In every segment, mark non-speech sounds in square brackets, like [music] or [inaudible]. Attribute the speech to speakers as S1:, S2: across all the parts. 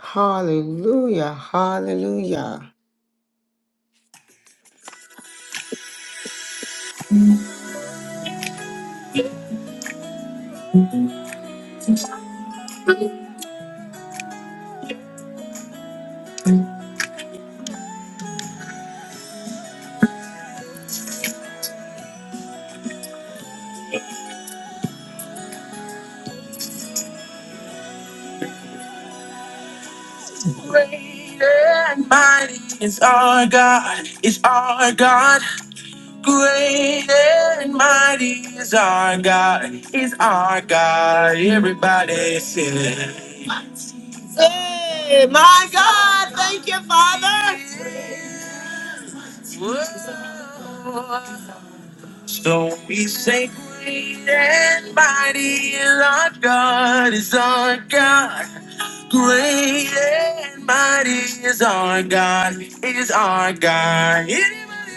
S1: Hallelujah. Hallelujah. Great and mighty is our God, is our God. Great and mighty is our God, is our God. Everybody sing it. Hey, my God, thank you, Father. Whoa. So we say, Great and mighty is our God, is our God. Great and mighty is our God, is our God. Anybody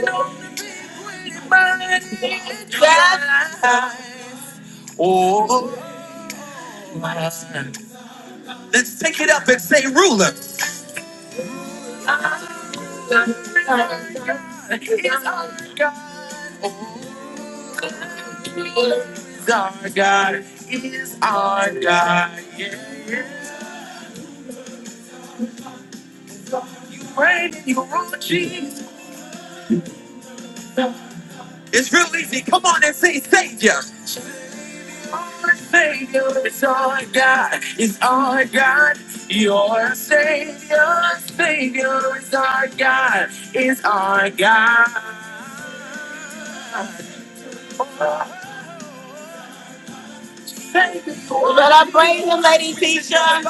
S1: know the big, great and mighty is God? Oh, my. Let's take it up and say, Ruler. Is our God, is our God, is our God. Yeah, Yeah. It's real easy. Come on and say Savior. Our Savior is our God, is our God. Your Savior, Savior is our God, is our God. Savior. Well, let I praise him, Lady Tisha.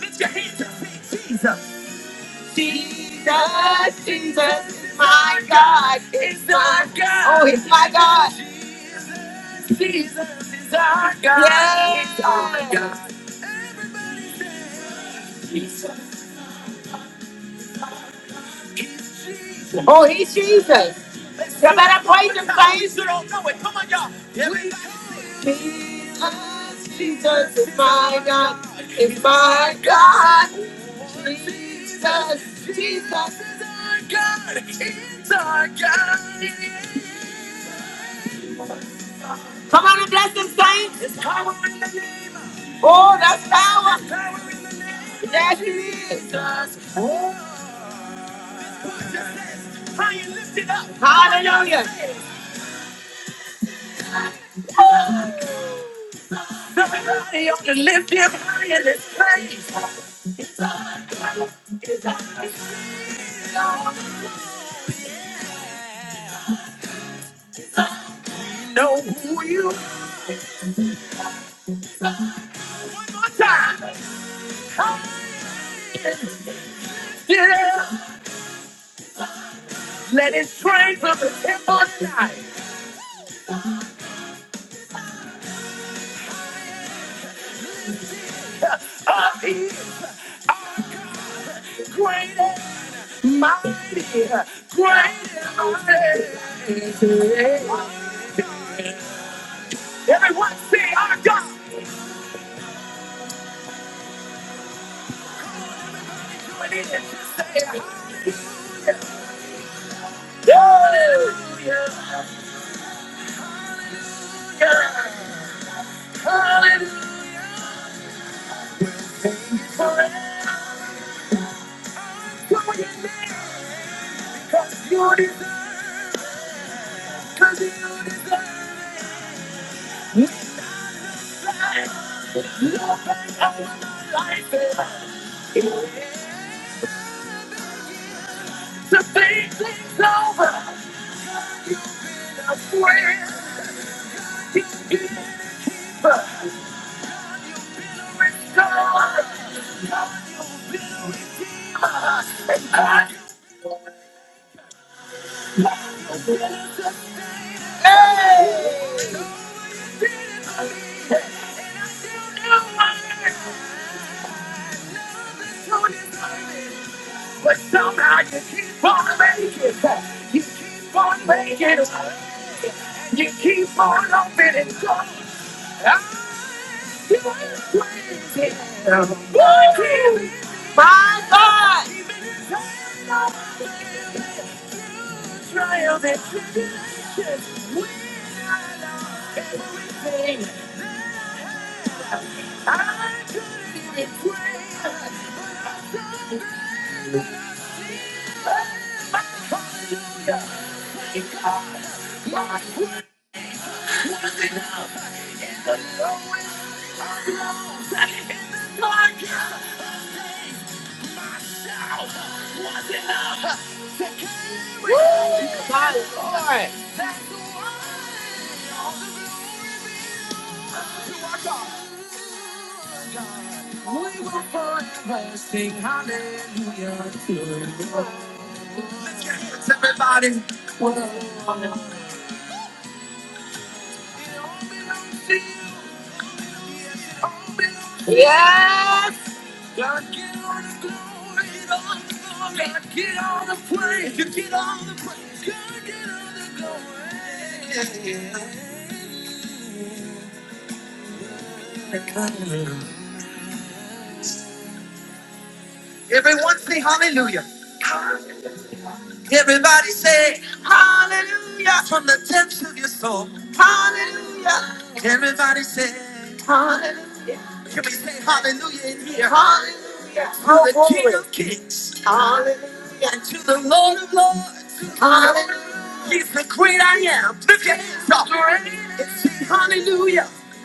S1: Lift your hands up, say Jesus. Jesus, Jesus is my God, is our God. Oh, he's my God. Jesus is our God. Yes. He's our God. Jesus. He's Jesus. Oh, he's Jesus. You better praise him, saints. You don't know it. Come on, y'all. Everybody say Jesus, Jesus is my God. Is my God. Jesus, Jesus is our God. He's our God. Come on and bless them, saints. There's power in the name. Oh, that's power. There's power in the name. Yes, it is. Jesus. Oh. High and lifted up. Hallelujah. Somebody ought to lift him high in this place. Know who you are. One more time. Yeah. Let it strain from the temple side. Up here. Greater, mighty, greater, mighty. Everyone say, our God. Hallelujah. Hallelujah. Hallelujah. Come on, you live. cause you Cause you like it, to things over. I'm But somehow you keep on making it. You keep on making it. You keep on opening doors. I'm still waiting. What can we Trials and tribulations, we are everything. It's all gone. We will forever sing hallelujah to you. Lift your hands, everybody. Whoa. It all belongs to you. Yes, It all belongs to you. Yes! God, get all the glory. Get all the glory. God, get all the praise. You get all the praise. God, get all the glory. Everyone say hallelujah. Everybody say hallelujah from the depths of your soul. Everybody say hallelujah. Can we say hallelujah in here? Hallelujah to the King of Kings. Hallelujah. And to the Lord of Lords. Hallelujah. He's the great I am. Lift your hands up.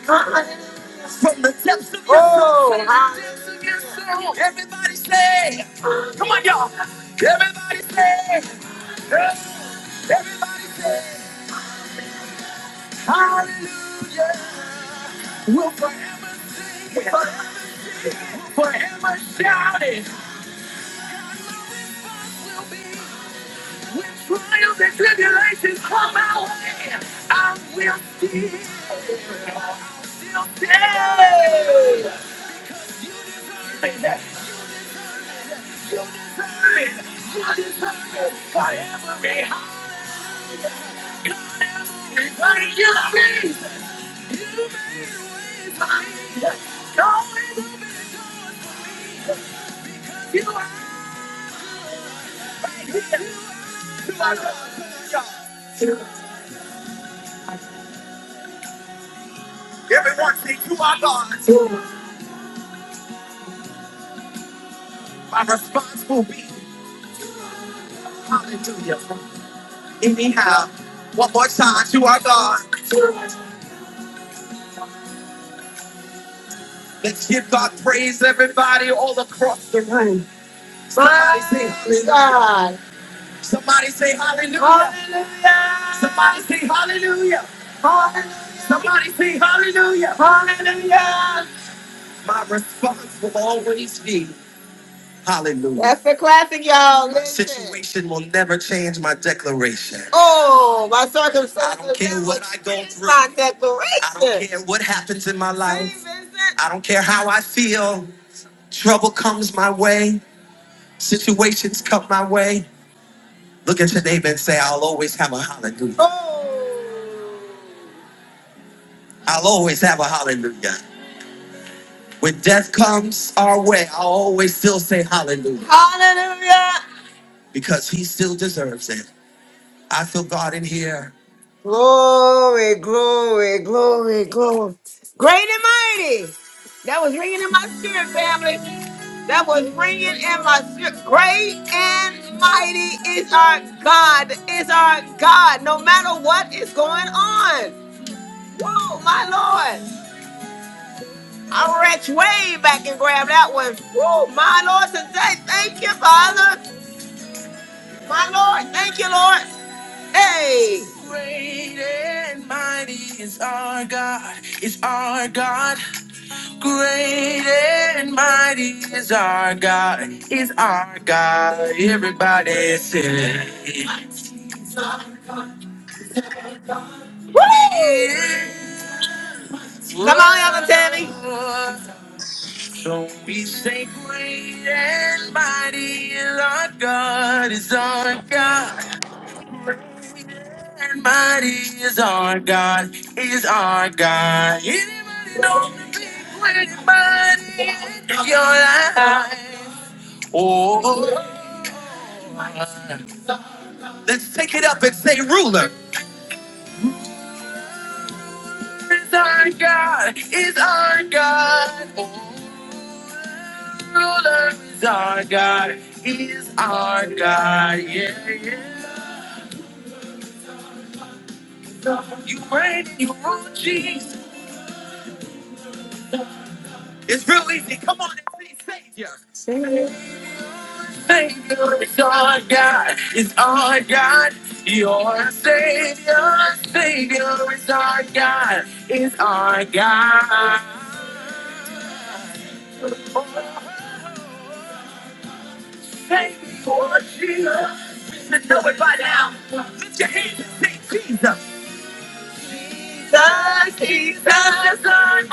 S1: Hallelujah. From the depths of your soul. Oh, from the depths of your soul. Everybody say, come on, y'all. Everybody say, hey, everybody say, hallelujah Forever shouting when trials and tribulations come my way. I will still say that you deserve it. You deserve it for every heart burning you mean. Knowing that you are here to our God. Everyone say to our God. My response will be hallelujah. Anyhow, one more time to our God. Let's give God praise, everybody, all across the Somebody say hallelujah. Somebody say hallelujah. Hallelujah. Somebody say hallelujah. Hallelujah. Somebody say hallelujah. Hallelujah. My response will always be hallelujah. That's a classic, y'all. My Listen. situation will never change my declaration. Oh, my circumstances. I don't care never what I go change through. My declaration. I don't care what happens in my life. Say, Vincent. I don't care how I feel. Trouble comes my way. Situations come my way. Look at your neighbor and say, I'll always have a hallelujah. I'll always have a hallelujah. When death comes our way, I'll always still say hallelujah. Hallelujah. Because he still deserves it. I feel God in here. Glory, glory, glory, glory. Great and mighty. That was ringing in my spirit, family. That was ringing in my spirit. Great and mighty is our God, is our God, no matter what is going on. Whoa, my Lord. I reached way back and grabbed that one. Whoa, my Lord, today. Thank you, Father. My Lord, thank you, Lord. Hey! Great and mighty is our God, is our God. Great and mighty is our God, is our God. Everybody say, Woo! Come on, Ella Tammy. So we say, Great and mighty is our God, is our God. Great And mighty is our God, is our God. Anybody know your life. Oh, let's take it up and say, ruler. Is our God, is our God, ruler is our God, is our God, yeah, yeah. It's real easy. Come on and say Savior. Savior. Our God is our God, your Savior, Savior. Jesus, Jesus, Jesus.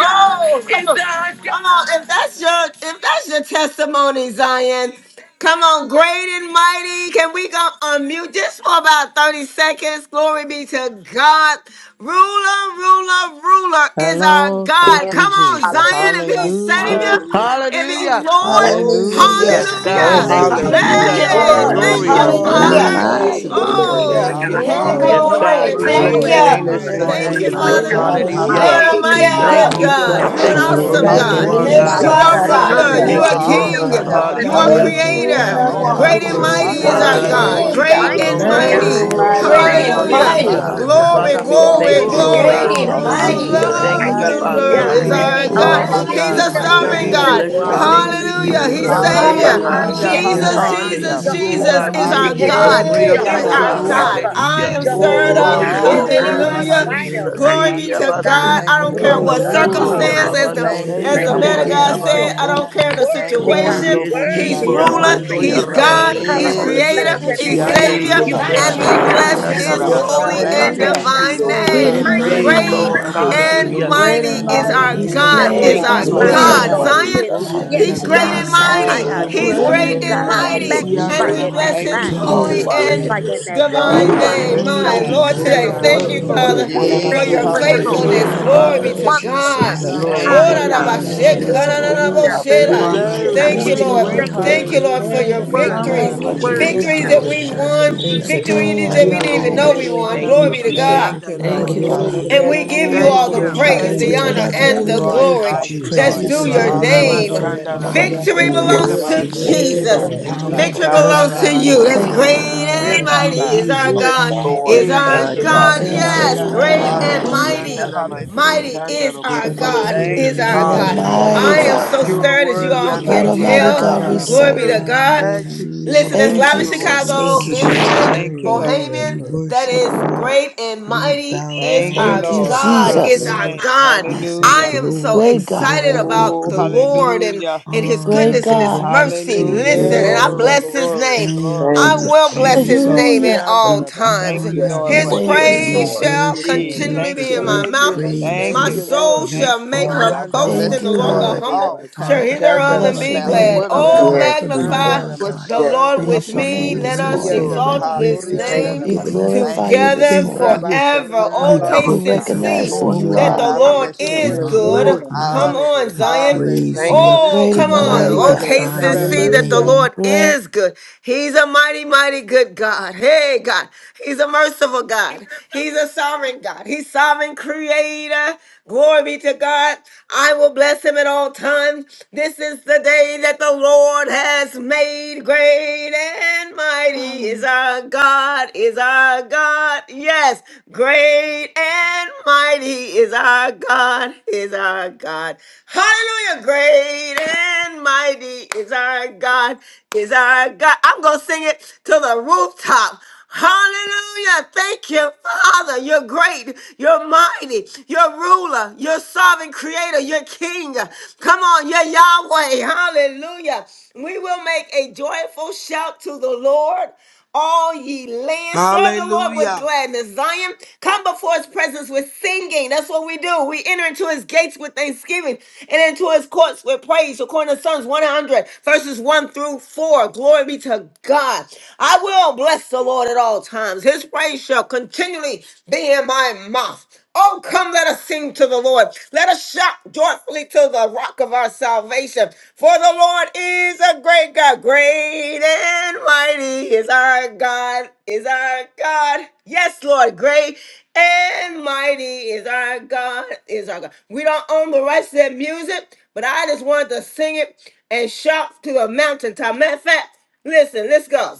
S1: Oh, come on. Come on. If that's your if that's your testimony, Zion. Come on, great and mighty. Can we go unmute just for about 30 seconds? Glory be to God. Ruler, ruler, ruler is our
S2: Hello,
S1: God.
S2: thank
S3: Glory.
S2: you,
S1: Come on,
S2: Jesus.
S1: Zion. If
S3: Hallelujah.
S1: he's
S3: Thank
S1: Savior,
S3: you,
S2: Hallelujah,
S4: Hallelujah.
S3: Jesus.
S5: Hallelujah.
S1: if he's
S6: Hallelujah.
S4: Hallelujah.
S1: Lord,
S3: Oh,
S7: Hallelujah.
S3: your
S5: Hallelujah.
S6: Yes,
S3: name.
S2: hallelujah.
S7: Yes,
S5: Thank
S7: Lord
S8: Oh,
S6: God.
S3: Thank
S5: you,
S1: hallelujah.
S2: Thank you,
S7: God.
S6: Thank
S5: Father,
S3: you,
S6: you,
S5: for
S6: Jesus.
S2: Jesus.
S9: Hallelujah,
S3: Jesus.
S8: hallelujah.
S3: We
S10: Hallelujah.
S3: love
S1: Hey,
S9: Lord.
S8: Rabbi
S3: you,
S1: thank
S7: Hallelujah,
S2: You
S6: Glory.
S1: you,
S2: are
S10: Glory
S7: Lord
S8: Sanda
S11: Great
S10: be
S3: God.
S11: and
S9: Hallelujah.
S1: Father.
S4: Praise
S2: worthy
S4: your
S7: Jesus.
S8: Rabasi.
S2: to
S3: We
S11: mighty
S5: creating
S2: be
S3: love
S4: holy
S10: to
S5: the
S10: the
S3: you,
S4: name.
S2: praised.
S7: Hallelujah.
S1: Oh,
S8: Thank
S10: Lamb
S5: you
S8: you,
S3: God.
S10: of
S11: is
S9: Hey,
S5: Almighty
S11: our
S1: glory,
S8: Father.
S10: God.
S11: God.
S6: Yes,
S5: God.
S2: Hallelujah.
S6: God.
S9: glory.
S1: glory,
S11: Is
S5: We
S6: We
S11: our
S4: Worthy
S5: thank
S11: God.
S9: Thank
S6: bless
S8: Great
S6: your
S10: Great
S4: to
S1: glory.
S5: you,
S9: you.
S7: Glory
S4: be
S8: and
S6: name
S7: to
S10: and
S6: this
S2: Bless
S5: Father.
S7: your
S2: the
S4: praised.
S8: mighty are
S6: morning,
S10: mighty
S1: Thank
S7: name,
S2: name
S8: you,
S1: you,
S4: Thank
S2: of
S12: Glory,
S3: Wonderful
S4: you,
S10: you
S6: Jesus.
S2: the
S8: Lord
S7: Jesus.
S1: Father
S3: counselor.
S5: Hallelujah.
S2: Lord.
S12: glory,
S10: are
S4: Father.
S8: God.
S11: Hallelujah.
S1: you
S10: God.
S6: Hallelujah.
S7: Hallelujah.
S1: are a
S3: Hallelujah.
S9: Thank
S10: You
S1: mighty
S8: Hallelujah.
S2: Hallelujah.
S9: you.
S6: Thank
S1: good
S4: Oh,
S6: you,
S10: are
S5: Hallelujah.
S1: God.
S6: sir.
S10: our
S2: Jesus
S5: Thank
S1: You're an
S6: Thank
S2: is
S6: you
S10: true
S11: For
S6: for
S2: Lord.
S11: he
S12: glory.
S1: awesome
S4: hallelujah.
S8: Ramasanda
S6: who
S13: Hallelujah.
S11: is
S7: Thank
S5: you,
S10: and
S6: you
S1: God.
S7: you,
S13: Thank
S11: great
S13: you,
S6: are,
S3: everlasting
S9: Hey,
S11: and
S10: living
S6: God.
S8: Rabasuri
S7: Jesus.
S1: You
S2: Hallelujah.
S3: Father
S11: mighty.
S13: Jesus.
S8: and
S10: God
S1: are
S3: God.
S9: Messiah.
S1: ruler.
S7: Hallelujah.
S2: Oh,
S1: You
S10: who
S12: Mm,
S8: Rabasit.
S6: Thank
S4: Hallelujah.
S1: are
S3: Hallelujah.
S10: we
S6: you,
S2: I
S6: oh
S3: King
S5: Father.
S4: Thank
S3: of
S12: Glory,
S5: God.
S1: king.
S4: you,
S2: always
S6: God.
S10: honor,
S3: kings
S2: have
S4: Father
S2: a
S12: glory,
S3: and
S8: Yanda
S1: You
S3: the
S1: are
S3: Lord
S4: God.
S6: Hallelujah.
S10: who
S3: of
S11: Mm.
S12: glory.
S13: Ha-da-da-da-da-bo-shi-ya-na-na-na-na-da-ba-ba-ba-ya.
S10: we
S8: Ramasuri
S9: Hey,
S7: King
S8: and
S2: hallelujah
S1: creator.
S10: bow
S7: of
S3: lords.
S9: you
S2: on
S4: It's
S12: You
S13: Thank
S9: are
S13: you,
S2: my
S12: are
S1: Great
S3: your
S10: down
S1: and
S9: ruler.
S7: kings
S2: lip.
S10: to,
S6: Oh
S8: Rabasete
S7: and
S4: worthy.
S1: mighty
S13: Jesus.
S9: You
S12: awesome.
S1: is
S3: holy
S9: are
S5: Thank
S7: Lord
S10: Father
S12: I
S1: our
S4: You're
S5: you,
S7: of
S3: God.
S6: God,
S8: Rubusa.
S5: Lord.
S3: you
S10: God.
S13: Glory.
S4: worthy.
S12: need
S1: God.
S4: to
S6: you
S7: lords.
S12: you.
S9: king,
S6: and
S2: Hallelujah.
S6: you
S9: God.
S1: Great
S8: Yanda
S1: and
S10: You
S13: Great
S6: alone
S3: mighty
S6: are
S12: In
S13: and
S4: Praise.
S10: are
S7: Great
S11: Great
S12: these
S3: God.
S7: and
S1: mighty.
S6: worthy,
S11: and
S13: mighty
S10: my
S6: oh
S8: Ramasuri and
S7: mighty
S12: times,
S2: Oh,
S9: Great
S12: I
S7: is
S13: is
S11: mighty
S4: Hallelujah.
S6: God.
S3: Thank
S10: true
S9: and
S2: yes,
S12: trust
S5: Great
S3: you,
S7: our
S11: is
S1: Hallelujah.
S12: you
S2: Lord.
S5: and
S13: our
S8: Rabasete
S12: like
S6: Hallelujah.
S7: Lord
S10: Father
S9: mighty.
S11: our
S3: Jesus.
S13: God.
S12: never
S11: God.
S8: Rumusa.
S10: God,
S1: Glory,
S12: before.
S6: Father,
S2: Hallelujah.
S6: we
S7: God
S4: Glory to
S6: thank
S10: the
S1: glory,
S3: Glory
S7: Almighty.
S4: your
S8: Yanda
S6: you,
S3: to
S6: oh
S2: Glory,
S3: your
S4: name.
S10: true
S1: glory.
S9: Great
S12: I've
S3: name,
S6: God.
S9: and
S5: mighty
S12: never
S2: glory.
S5: is
S10: and
S8: Ramasatari
S3: Jesus.
S8: and
S5: your
S9: mighty,
S12: seen
S6: We
S12: a
S3: Your
S10: living
S4: Hallelujah.
S9: Lord.
S5: name.
S13: Ha-da-da-da-da-bo-shi-ya-da-da-da-ya-na-na-na-da-da-ba-ba.
S12: weird
S8: Rubusa.
S4: I
S6: thank
S1: Ruler,
S5: We
S10: God.
S2: Hallelujah.
S6: you,
S5: Give
S12: place
S5: you
S4: thank
S5: the
S3: righteous
S12: like
S4: you,
S6: Father,
S12: this
S7: Hallelujah,
S5: glory
S1: ruler
S11: Mm.
S6: for
S8: Thank
S3: God.
S1: is
S4: Father
S8: you,
S5: and the
S6: who
S7: Lord.
S12: before.
S9: Great
S10: Great
S4: God.
S8: Lord
S1: our
S6: you
S9: and
S5: praise.
S10: and
S1: God.
S6: are,
S2: Oh,
S6: oh
S8: Jesus.
S3: Hallelujah.
S1: He's
S10: mighty
S3: King
S9: mighty,
S6: God.
S1: a
S3: of
S9: mighty
S10: art
S2: hallelujah.
S3: kings
S5: And
S9: God.
S1: sovereign
S6: We
S5: you
S8: Thank
S10: thou.
S2: Thank
S5: are
S3: and
S4: Oh,
S8: you,
S1: God.
S3: the
S2: you,
S13: Ya-na-na-na-na-na-na-na-na-na-da-bo-bo-bo-ya.
S6: bless
S12: Everything
S3: Lord
S6: your
S3: of
S5: worthy
S4: hallelujah.
S2: Jesus.
S12: around
S5: to
S8: Father.
S12: me
S6: name.
S3: lords.
S6: We
S5: be
S6: give
S12: seems
S10: We
S1: Hallelujah.
S6: you
S5: praised.
S10: are
S1: He's
S12: indifferent,
S6: glory, oh
S3: Jehovah
S1: Savior.
S10: mighty
S3: our
S5: Hallelujah.
S6: God.
S8: Ramasurianda
S4: Praise
S10: art
S2: Hallelujah.
S9: Hallelujah.
S4: your
S6: We
S1: Jesus,
S10: thou,
S3: God.
S4: holy
S7: Hallelujah.
S6: honor
S4: name.
S10: Father
S8: Rabashanda.
S2: Hallelujah.
S1: Jesus,
S10: God.
S6: you, oh
S13: Ya-da-da-da-da-da-da-da-ya-na-na-na-na-da-bo-shi-ya-da-da-da.
S1: Jesus
S3: Jehovah
S6: God.
S1: is
S6: We
S1: our
S3: sick
S8: Thank
S6: give
S8: you,
S13: Thank
S3: and
S6: you
S13: you,
S12: but
S6: the
S12: I
S3: new.
S1: God,
S3: He
S8: thank you,
S10: Hallelujah.
S2: Hallelujah.
S9: Hey,
S12: trust
S13: Jesus.
S6: praise,
S1: is
S6: oh
S2: Thank
S8: thank you,
S3: Jehovah
S2: you,
S1: our
S6: God.
S12: you.
S8: Lord.
S4: Hallelujah.
S2: Jesus.
S9: Ababasa.
S1: God.
S3: Rapha.
S13: Hallelujah.
S1: I
S6: Hallelujah.
S1: am
S13: Thank
S3: Jehovah
S1: stirred
S13: you,
S2: Oh,
S4: Thank
S1: up. [laughs]
S4: you,
S6: Lord,
S13: Father.
S10: Hallelujah.
S5: Hallelujah.
S2: I
S6: you
S3: Jireh,
S6: are
S2: always
S4: Jesus.
S3: my
S2: have a
S6: worthy,
S1: Hallelujah.
S9: Nebedebasu.
S3: provider,
S2: hallelujah
S6: Jesus.
S3: my
S2: on
S1: Glory
S2: my
S10: Hallelujah.
S6: Eh,
S1: be to
S3: healer,
S2: lip.
S3: God
S1: God.
S6: yabaso.
S1: I
S2: Thank
S10: Glory,
S1: don't
S2: you,
S1: care
S5: Hallelujah.
S13: Glory,
S11: Hallelujah.
S9: Oh,
S1: what
S2: Jesus.
S10: glory,
S13: glory,
S3: lover
S5: Hallelujah.
S6: Oh,
S8: Hallelujah.
S3: of my
S1: circumstance,
S13: glory.
S10: glory
S4: Hallelujah.
S1: as
S9: oh.
S13: Glory,
S1: the
S3: soul.
S2: Thank
S6: yababandonde
S2: you,
S13: glory,
S1: as
S8: Thank
S1: the
S3: Thank
S4: I
S8: you,
S6: yere,
S3: you,
S10: to
S1: man of
S8: Lord
S2: Jesus.
S6: eh,
S1: God
S4: praise
S10: the
S3: Jesus.
S8: Jesus.
S1: said,
S4: you.
S3: You're
S1: I
S10: Lamb
S6: abaso.
S1: don't care
S10: of
S1: the
S2: Thank you,
S3: worthy, God.
S10: God.
S6: Onde
S1: situation.
S2: Jesus.
S8: Dando
S11: Mm.
S1: He's
S6: esi,
S3: Worthy
S6: eh,
S10: I
S8: Boshata
S3: to be
S1: ruler,
S4: Glory
S6: amando
S3: praised.
S8: Rabaki
S4: to
S10: thank you,
S4: your
S1: he's God,
S10: Father
S4: name.
S1: he's
S6: yarabasataya.
S3: Hallelujah.
S2: Yes,
S8: Ramasiti.
S10: God,
S3: Bless
S1: creator,
S10: in
S4: Hallelujah.
S3: your
S2: bless.
S1: he's
S3: name, God.
S10: advance
S2: Thank
S8: Yando
S6: Hey,
S2: you,
S9: Situations
S1: savior,
S9: will
S6: hey,
S3: You're
S4: I
S10: for
S9: not
S6: God.
S8: Boshanda
S1: and
S14: Hallelujah.
S2: Jesus.
S1: we
S3: worthy,
S4: praise
S9: change
S14: Thank you,
S3: God.
S9: my
S1: bless
S4: you,
S8: Ramasanda
S10: everything
S6: Asiando
S1: his
S6: ya
S14: Jesus.
S4: Father
S9: declaration.
S10: that's
S3: Holy
S1: holy
S10: about
S3: is
S4: God.
S3: your
S2: Thank
S1: and
S6: rabasai.
S10: to
S2: you
S8: Rabakurianda.
S3: name,
S10: take
S7: Hallelujah.
S2: in
S10: place
S1: divine
S4: You're
S10: in
S7: Glory
S10: my
S2: Jesus.
S7: to
S14: Great
S2: I
S7: your
S3: God.
S1: name.
S4: worthy
S14: and
S10: life,
S4: to
S7: name, O
S3: Mighty
S14: mighty
S6: Yes,
S4: be
S2: praise
S14: is
S10: Lord.
S2: your
S3: God.
S7: God.
S14: our
S1: Great
S6: Lord.
S8: Ramasatara
S2: name.
S4: praised.
S3: Great
S10: I
S3: and
S14: God.
S1: and
S6: Hallelujah.
S4: Hallelujah.
S7: Great
S3: mighty
S1: mighty
S7: and
S10: glorify
S3: is
S8: Boshutorianda
S1: is
S7: mighty
S10: your
S3: your
S1: our
S8: Rabas.
S7: is
S14: He's
S3: name,
S7: the
S10: name,
S2: Hallelujah. I
S1: God,
S3: God.
S7: Lord
S2: give
S14: great.
S4: Oh,
S1: is
S9: Hey,
S6: Thank
S2: you
S7: our
S6: you,
S9: that
S14: He's
S1: our
S4: you're
S3: My
S10: oh
S9: bus.
S11: Great
S7: God.
S2: glory.
S6: Jesus.
S4: so
S11: and
S8: Ianda
S1: God.
S10: God.
S14: mighty.
S3: soul
S4: mighty,
S11: mighty is
S1: Zion,
S4: God.
S3: says,
S10: I
S11: our God.
S10: give
S3: Yes,
S8: Rabosorianda
S1: he's
S14: He's
S2: I
S10: you
S14: an
S1: great
S2: give
S3: God.
S1: and
S2: you
S10: thanks
S14: awesome
S2: honor
S3: I
S1: mighty.
S2: and I
S14: God.
S4: Hallelujah.
S2: give
S1: He's
S2: you
S7: Great
S3: adore
S8: Rabas.
S1: great
S10: you,
S3: you,
S7: and
S9: Hey.
S1: and
S3: God.
S2: praise.
S3: I
S10: Lord.
S4: You
S14: He's
S1: mighty.
S4: are
S10: You
S7: mighty
S2: Hallelujah.
S1: And
S3: magnify
S1: we
S4: great.
S3: your
S10: are
S5: Thank
S1: bless
S3: name.
S10: the
S2: Thank
S5: you,
S1: his
S3: I
S2: you,
S14: He
S10: King
S2: Jesus.
S10: of
S1: holy
S14: is
S1: and
S7: is
S8: Yandarabasuriandarabase.
S5: Jesus.
S3: glorify
S4: Hallelujah.
S7: he.
S3: your
S10: Kings.
S3: name.
S4: I
S2: God,
S1: divine
S3: You
S10: You
S8: Eh,
S2: I
S3: are
S14: the
S1: name.
S4: praise your
S2: bless
S3: King
S14: only
S10: are
S2: your
S3: of
S1: My
S10: the
S4: holy
S2: name.
S14: living
S3: kings
S1: Lord,
S4: name.
S14: God.
S3: and the
S1: today,
S10: Lord
S13: glory, glory.
S10: of
S3: Lord
S1: thank
S3: of
S8: yandarabasurianda.
S1: you,
S5: Hallelujah.
S10: Lords,
S3: lords.
S14: Hallelujah.
S4: You're
S1: Father,
S4: worthy
S1: for
S8: Thank
S3: Thank
S4: to
S2: Yes,
S8: you,
S3: you
S10: the
S1: your
S13: Glory,
S4: be
S3: for
S8: Lord.
S3: your
S4: praised,
S2: hallelujah.
S3: Lord.
S10: conquering
S8: Great
S1: faithfulness.
S8: is
S6: Yes,
S14: Thank
S10: lion
S8: my
S14: you,
S1: Glory be
S6: Father.
S4: Father
S14: Lord
S1: to
S3: Wonderful
S13: glory,
S2: In
S3: counselor.
S1: God.
S10: from
S14: Jesus.
S2: the
S10: the
S1: Thank
S13: glory.
S6: Glory
S4: God.
S2: name
S6: to
S3: Holly
S5: Thank
S10: tribe
S2: of
S5: you,
S3: God.
S14: No
S2: Jesus.
S6: God.
S10: of
S13: Thank
S4: Hallelujah.
S14: matter
S5: Jesus.
S3: Woo,
S14: what's
S10: Judah.
S8: Ramasuriandarabasata.
S3: yes,
S14: going
S5: Hallelujah.
S3: God.
S4: I
S14: on,
S10: I
S8: You
S2: In the
S8: are
S3: Something,
S8: my
S4: praise
S10: thank
S4: your
S10: you,
S3: God.
S14: you
S2: name of
S1: you,
S4: holy
S10: God,
S8: exceeding
S14: still
S1: Lord.
S4: name.
S10: for
S14: are
S8: great
S2: Jesus,
S3: Thank
S10: your
S3: you,
S1: Thank
S4: Thank you,
S1: you,
S14: great.
S8: reward.
S10: bright
S1: Lord,
S4: Father
S1: for
S2: hallelujah.
S10: light.
S11: Great
S1: your
S4: God.
S11: and
S5: Thank
S3: Lord.
S14: No
S5: you,
S10: I
S14: matter
S2: Thank
S1: victories.
S11: mighty
S2: you,
S13: you,
S3: Worthy.
S14: what we
S10: thank you,
S2: Jesus.
S5: Jesus.
S11: is
S14: go
S13: Jesus.
S3: Worthy,
S11: our
S10: God,
S1: Victories that
S10: for
S14: through,
S4: Hallelujah.
S1: we've
S13: Hallelujah.
S3: God.
S2: Mm,
S1: won,
S10: shining
S14: you
S8: Yandarabasuriandarabasete.
S2: Thank
S13: Thank
S10: the
S13: you,
S2: you,
S10: bright
S2: Lord.
S13: Father.
S14: still
S1: victories
S14: are
S1: that
S10: light
S1: we didn't
S10: on
S1: even
S14: mighty.
S10: me.
S1: know we won.
S6: Thank you,
S1: Glory
S10: We
S1: be to
S6: Jesus.
S1: God.
S2: Thank you,
S10: glorify
S14: Thank
S2: Lord.
S14: you,
S10: your
S8: Kiaroroboshandarabasandarabake.
S5: Glory,
S14: Father.
S4: Hallelujah.
S1: And
S10: name.
S5: glory,
S1: we
S2: Hallelujah.
S1: give
S5: glory.
S1: you
S10: We
S2: Thank
S1: all
S8: Thank
S2: you,
S1: the
S5: to
S8: you,
S2: Jesus.
S14: If it
S4: I
S10: honor
S1: praise,
S8: thank
S14: doesn't
S1: the
S5: you.
S10: your
S8: you.
S14: turn
S4: praise
S1: honor,
S4: your
S14: out the
S10: name,
S14: way
S1: and
S4: holy
S14: we
S2: You
S1: the
S10: God.
S4: name,
S2: are a
S14: like,
S13: Thank you,
S1: glory
S4: Father
S2: mighty
S5: Thank
S4: God.
S13: Jesus.
S1: that's
S5: you,
S2: God.
S14: you
S13: Thank
S10: Praises
S1: due
S2: You
S10: and
S1: your
S14: still
S2: are
S13: you,
S2: awesome
S5: Jesus.
S1: name.
S10: glories
S14: glorious
S2: God.
S10: and
S14: and mighty.
S10: honor
S1: Victory
S4: You are
S15: Yes,
S2: You're a
S10: belong
S5: You
S1: belongs
S5: are
S15: Lord.
S10: to
S2: God
S4: worthy
S1: to
S2: that
S4: to
S15: Thank
S10: you.
S15: you,
S4: be
S8: Ramasandarabashenderabaseke.
S15: Father
S1: Jesus.
S2: cannot
S5: worthy, God,
S2: be
S13: Lord.
S4: praised.
S14: Wonderful.
S5: to
S2: lied,
S10: Our
S1: Victory
S5: be
S1: belongs
S10: God,
S2: cannot
S1: to
S2: lie,
S10: our
S5: praised.
S1: you. That's
S5: Thank
S10: Father,
S14: faithful.
S1: great
S5: you,
S10: our
S2: will
S1: and
S5: Lord.
S4: Hallelujah.
S13: Thank
S4: Oh,
S2: not
S1: mighty
S13: you,
S8: Ikadarabashotoriandaramase.
S4: thank
S2: lie.
S1: is
S10: Abba,
S4: you,
S1: our
S4: Father
S13: Jesus.
S5: Hallelujah.
S2: Blessed
S1: God,
S15: God.
S2: be
S10: thank
S4: God.
S2: the
S15: Lord,
S1: is
S6: Yes,
S2: name
S10: you,
S8: Eh.
S2: of
S1: our
S15: thank
S6: God.
S2: the
S15: you,
S6: Thank
S2: Lord.
S15: Father
S6: you,
S1: God.
S4: I
S10: Jesus,
S14: Thank
S15: God.
S14: you,
S6: Jesus.
S1: Yes,
S14: Father.
S4: praise
S1: great
S4: your
S10: you
S1: and
S4: holy
S10: are
S4: name.
S2: Hallelujah,
S1: mighty.
S2: hallelujah.
S14: Glory,
S1: Mighty
S5: Yes,
S14: glory,
S1: is our
S14: glory.
S10: true
S8: Dandarabashotoriandaramasikandaraboso.
S1: God,
S10: and
S2: Thank
S10: the
S4: Hallelujah.
S1: is
S2: you,
S1: our
S14: You are
S10: living
S1: God.
S2: Jesus.
S10: God.
S15: Yes,
S1: I
S14: mighty
S8: Hallelujah.
S1: am
S14: God.
S15: Lord.
S1: so
S2: You
S15: Thank you.
S2: are
S10: Thank
S1: stirred as you
S10: you,
S2: worthy,
S1: all
S13: Thank
S14: What
S1: can
S14: a
S15: Mighty is
S10: Jesus.
S14: mighty
S15: our
S1: tell.
S14: God we
S15: God.
S1: Glory
S14: serve.
S1: be
S2: Lord.
S1: to
S8: Iandarabasandarabake.
S2: [laughs]
S1: God.
S2: Thank you, Jesus.
S1: Listen,
S10: Hallelujah.
S1: that's
S14: Thank
S8: Thank
S1: live
S2: Thank
S14: you,
S1: in
S8: you,
S2: you,
S15: Yes,
S8: Lord
S2: Lord.
S10: We
S15: Jesus.
S13: you,
S1: Chicago.
S14: Jesus.
S8: Jesus.
S10: honor
S13: Jesus.
S1: Vincent
S10: you.
S2: Thank you,
S13: Glory,
S2: Lord.
S13: glory,
S1: Bohemian,
S10: We
S13: glory.
S1: that
S10: worship
S1: is
S10: you.
S1: great and
S10: We
S1: mighty
S10: bow
S1: is
S2: Thank
S10: down
S15: Yes,
S2: you,
S1: our
S14: Thank
S10: at
S14: you,
S10: your
S15: Lord.
S2: Lord.
S1: God,
S15: Yes,
S10: feet,
S2: Bless
S8: Ah,
S1: is
S14: Jesus.
S15: Lord.
S2: your
S1: our
S10: Lord.
S2: name.
S1: God.
S10: We say,
S1: I
S2: Hallelujah.
S1: am so
S14: Great
S10: Glory,
S14: God.
S8: thank
S1: excited
S8: you.
S10: glory,
S1: about
S2: Oh,
S1: the
S10: glory.
S1: Lord and,
S2: hallelujah.
S1: and his
S14: Great
S10: Honor
S1: goodness and his
S14: God.
S10: belongs to
S1: mercy.
S2: Hallelujah.
S1: Listen,
S15: Yes.
S10: you,
S1: and I
S8: Yes, my
S2: Glory,
S10: Lord.
S1: bless
S8: Lord.
S1: his
S2: glory,
S1: name.
S10: Thank
S2: glory.
S15: Thank
S1: I
S15: you.
S10: you,
S1: will
S15: Father.
S2: Thank
S1: bless
S2: you,
S1: his
S2: Lord.
S10: Jesus.
S1: name at
S14: Hallelujah.
S1: all
S10: We
S1: times.
S2: Thank you,
S10: honor
S15: Yes,
S2: Lord,
S1: His
S2: for
S10: you.
S15: Lord.
S14: Thank you,
S8: Iandarabasoriandarabas-
S15: Yes,
S5: Lord.
S10: We
S1: praise
S15: Lord.
S2: everything.
S5: Thank
S14: Jesus.
S1: shall
S5: you,
S10: worship
S2: Yeah,
S5: Father.
S10: you.
S1: continually
S2: thank
S1: be
S15: Jesus.
S1: in
S2: you.
S1: my
S10: We
S1: mouth.
S15: Yes,
S8: Continually.
S10: praise
S2: Thank
S1: My
S8: Thank
S2: you,
S8: you,
S10: you.
S2: God.
S1: soul
S8: Lord.
S10: You
S2: Thank
S1: shall
S2: you,
S1: make
S2: Lord.
S1: her
S10: are
S2: I will
S1: boast
S10: our
S1: in
S2: bless
S14: Thank
S1: the
S14: you,
S2: the
S1: Lord.
S2: Lord
S1: The
S10: God.
S14: Lord.
S2: at
S1: humble
S2: all
S1: shall
S2: times.
S1: hear
S10: Father
S1: thereof and
S2: No
S14: Bless
S8: Oriandarabaseterabasikandaraba.
S10: Alba,
S14: your
S1: be
S2: matter
S14: name.
S1: glad.
S2: what
S10: thank you,
S2: I'm
S1: Oh,
S10: God,
S2: going
S15: Yes,
S10: for
S2: through, no
S10: being
S15: Jesus.
S1: magnify
S2: matter
S10: our God.
S2: what's
S1: the
S15: Yes,
S2: going
S1: Lord
S8: Ramasandaramashandar.
S15: Jesus.
S2: on,
S1: with
S2: I'm
S14: Bless
S10: Thank you
S14: your
S2: going to
S10: for
S1: me.
S14: name
S10: the
S2: give
S1: Let
S14: this
S2: you the
S1: us
S10: mercy
S14: morning.
S10: and
S2: glory.
S10: the
S1: exalt his
S10: grace that
S2: Hallelujah.
S10: you
S15: Thank you,
S10: have
S1: name
S14: We
S10: given
S15: Father,
S10: us.
S8: Iandarabasoriandarabas-
S14: glorify
S2: Thank
S14: you
S2: you,
S14: this
S1: together
S10: Thank
S2: Jesus.
S14: morning.
S10: you.
S1: forever. Oh,
S10: You
S2: Hushakandala
S15: forever.
S14: We
S8: Rabasoriandarabas.
S1: taste
S10: woke
S1: and
S2: Saka.
S10: us up
S15: Yes,
S14: recognize
S1: see
S10: this
S14: who
S5: Thank
S15: Lord.
S2: Oh
S14: you
S5: you,
S1: that
S10: morning
S2: God,
S1: the
S14: are.
S2: I
S5: Jesus.
S1: Lord
S8: Thank you,
S2: bless your
S1: is
S8: Lord
S10: in
S2: name.
S10: our
S8: Jesus.
S10: right
S1: good.
S15: Glory
S5: Hallelujah.
S15: to
S2: I
S15: your name.
S1: Come
S10: mind
S2: honor
S1: on,
S2: you.
S10: to
S1: Zion.
S2: Hallelujah.
S10: praise
S15: Thank
S10: you,
S15: you,
S8: Hallelujah.
S15: Jesus.
S1: Oh,
S14: Great
S10: to
S1: come
S14: and
S1: on.
S5: Thank
S15: Yes,
S14: mighty
S5: you,
S2: Hushakandala
S1: Oh,
S15: Lord.
S14: God.
S5: Lord.
S1: taste
S10: glorify
S8: Ramasanda
S2: Saka.
S10: your
S1: see that the
S5: Hallelujah.
S10: name.
S1: Lord
S8: Ramasiti.
S14: Great.
S1: is good. He's a mighty, mighty good God. Hey, God. He's a merciful God. He's a sovereign God. He's sovereign creator. Glory be to God. I will bless him at all times. This is the day that the Lord has made. Great and mighty is
S14: Oh,
S1: our God, is our God. Yes. Great and mighty is our God, is our God. Hallelujah. Great and mighty is our God, is our God. I'm going to sing it to the rooftop. Hallelujah. Thank you, Father. You're great. You're mighty. You're ruler. You're sovereign creator. You're king. Come on. You're Yahweh. Hallelujah. We will make a joyful shout to the Lord. All ye land, serve the Lord with
S8: Hallelujah.
S1: gladness. Zion, come before his presence with singing. That's what we do. We enter into his gates with thanksgiving and into his courts with praise, according to Psalms 100, verses 1 through 4. Glory be to God. I will bless the Lord at all times. His praise shall continually be in my mouth. Oh, come, let us sing to the Lord. Let us shout joyfully to the rock of our salvation. For the Lord is a great God. Great and mighty is our God, is our God. Yes, Lord, great and mighty is our God, is our God. We don't own the rights to that music, but I just wanted to sing it and shout to a mountaintop. Matter of fact, listen, let's go.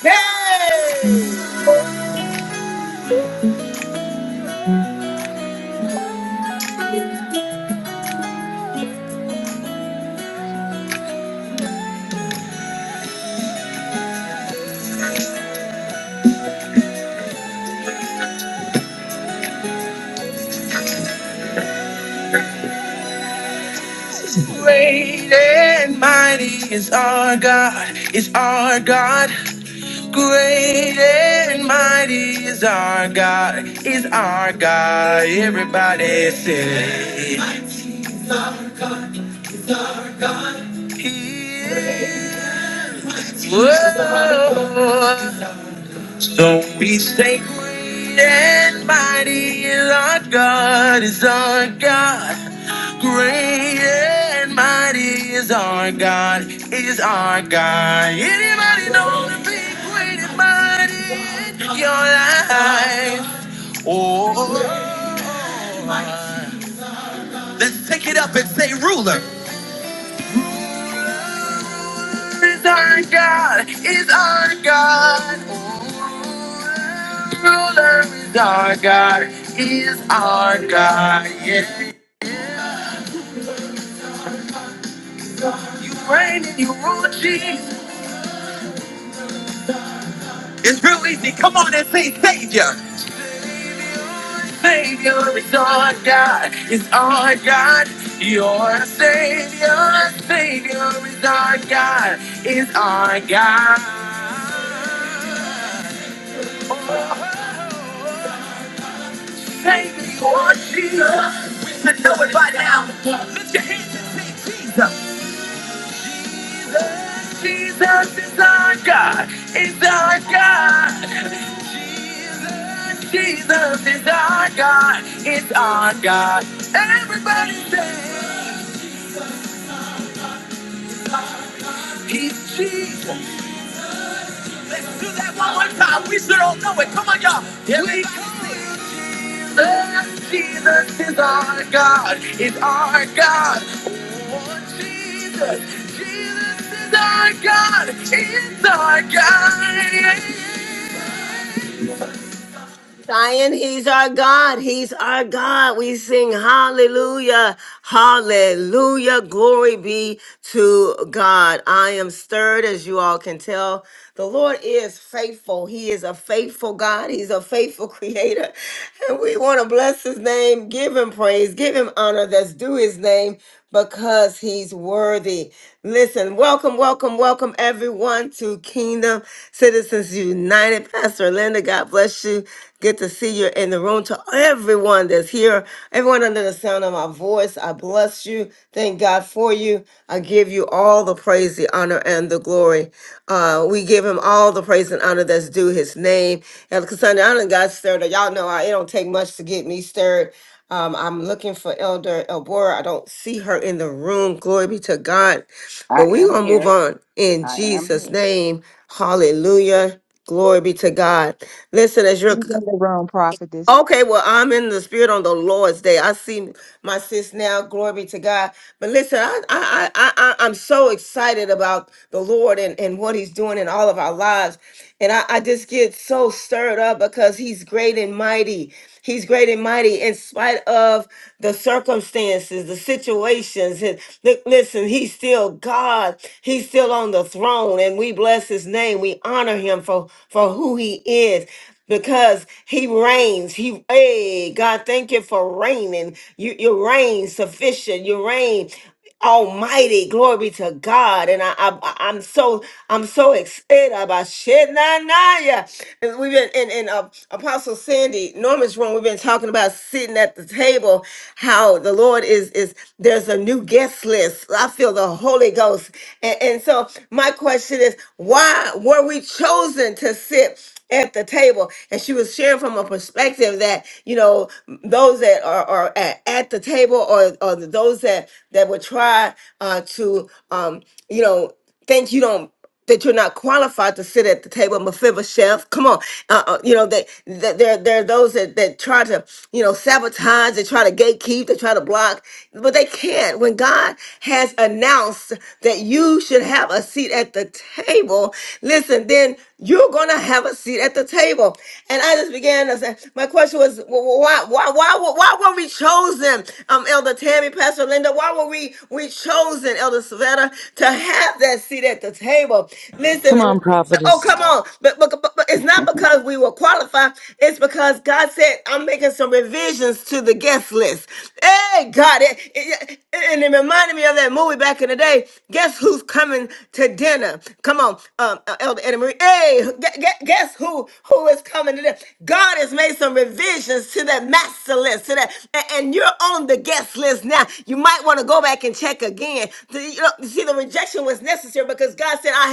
S1: Hey! Great and mighty is our God, is our God. Great and mighty is our God, is our God. Everybody say. So we say, Great and mighty is our God, is our God. Great and mighty is our God, is our God. Anybody know the big great and mighty in your life? Oh, let's take it up and say, ruler. Is our God, is our God. Ruler is our God, is our God. Yes, you reign and you rule, Jesus. It's real easy. Come on and say, Savior. Savior is our God, is our God. Your Savior, Savior is our God, is our God. Baby, you, Jesus. We should know it by now. Lift your hands and say, Jesus. Jesus is our God. Is our God. Jesus is our God. Is our God. Everybody say, He's Jesus. Let's do that one more time. We should all know it. Come on, y'all. Here We. Oh, Jesus is our God, is our God. Oh, Jesus, Jesus is our God, is our God. Zion, he's our God. He's our God. We sing hallelujah, hallelujah. Glory be to God. I am stirred, as you all can tell. The Lord is faithful. He is a faithful God. He's a faithful [laughs] creator. And we want to bless his name, give him praise, give him honor that's due his name because he's worthy. Listen, welcome, welcome, welcome everyone to Kingdom Citizens United. Pastor Linda, God bless you. Good to see you in the room. To everyone that's here, everyone under the sound of my voice, I bless you. Thank God for you. I give you all the praise, the honor, and the glory. Uh, we give him all the praise and honor that's due his name. And Cassandra, I done got stirred up. Y'all know I, it don't take much to get me stirred. Um, I'm looking for Elder Elbora. I don't see her in the room. Glory be to God.
S16: I
S1: But we're
S16: am
S1: going to move
S16: here.
S1: on in
S16: I am
S1: Jesus'
S16: here.
S1: name. Hallelujah. Glory be to God. Listen, as you're
S5: Even the wrong prophetess.
S1: Okay, well, I'm in the spirit on the Lord's day. I see my sis now. Glory be to God. But listen, I, I, I, I I'm so excited about the Lord and, and what He's doing in all of our lives, and I, I just get so stirred up because He's great and mighty. He's great and mighty in spite of the circumstances, the situations. And li- listen, He's still God. He's still on the throne, and we bless His name. We honor Him for for who He is because he reigns. He, hey, God, thank you for reigning. You, you reign sufficient. You reign almighty. Glory be to God. And I, I I'm so, I'm so excited about shit. Nah, nah, yeah. And we've been in, in uh, Apostle Sandy Norman's room. We've been talking about sitting at the table, how the Lord is, is there's a new guest list. I feel the Holy Ghost. And, and so my question is, why were we chosen to sit? at the table and she was sharing from a perspective that you know those that are, are at, at the table or, or those that that would try uh, to um, you know think you don't that you're not qualified to sit at the table Mephibosheth come on uh, uh, you know that that there there are those that that try to you know sabotage they try to gatekeep they try to block up, but they can't. When God has announced that you should have a seat at the table, listen, then you're gonna have a seat at the table. And I just began to say, my question was, wh- wh- why, why, why, were- why were we chosen, um, Elder Tammy, Pastor Linda? Why were we we chosen, Elder Savannah, to have that seat at the table?
S17: Come on,
S1: Listen, Oh,
S17: prophetess.
S1: come on. But, but, but but it's not because we were qualified. It's because God said, I'm making some revisions to the guest list. Hey, God. It, it, and it reminded me of that movie back in the day. Guess who's coming to dinner? Come on, um, uh, Elder Eddie Marie. Hey, gu- gu- guess who who is coming to dinner? God has made some revisions to that master list, to that. And, and you're on the guest list now. You might want to go back and check again. The- you know, see, the rejection was necessary because God said, I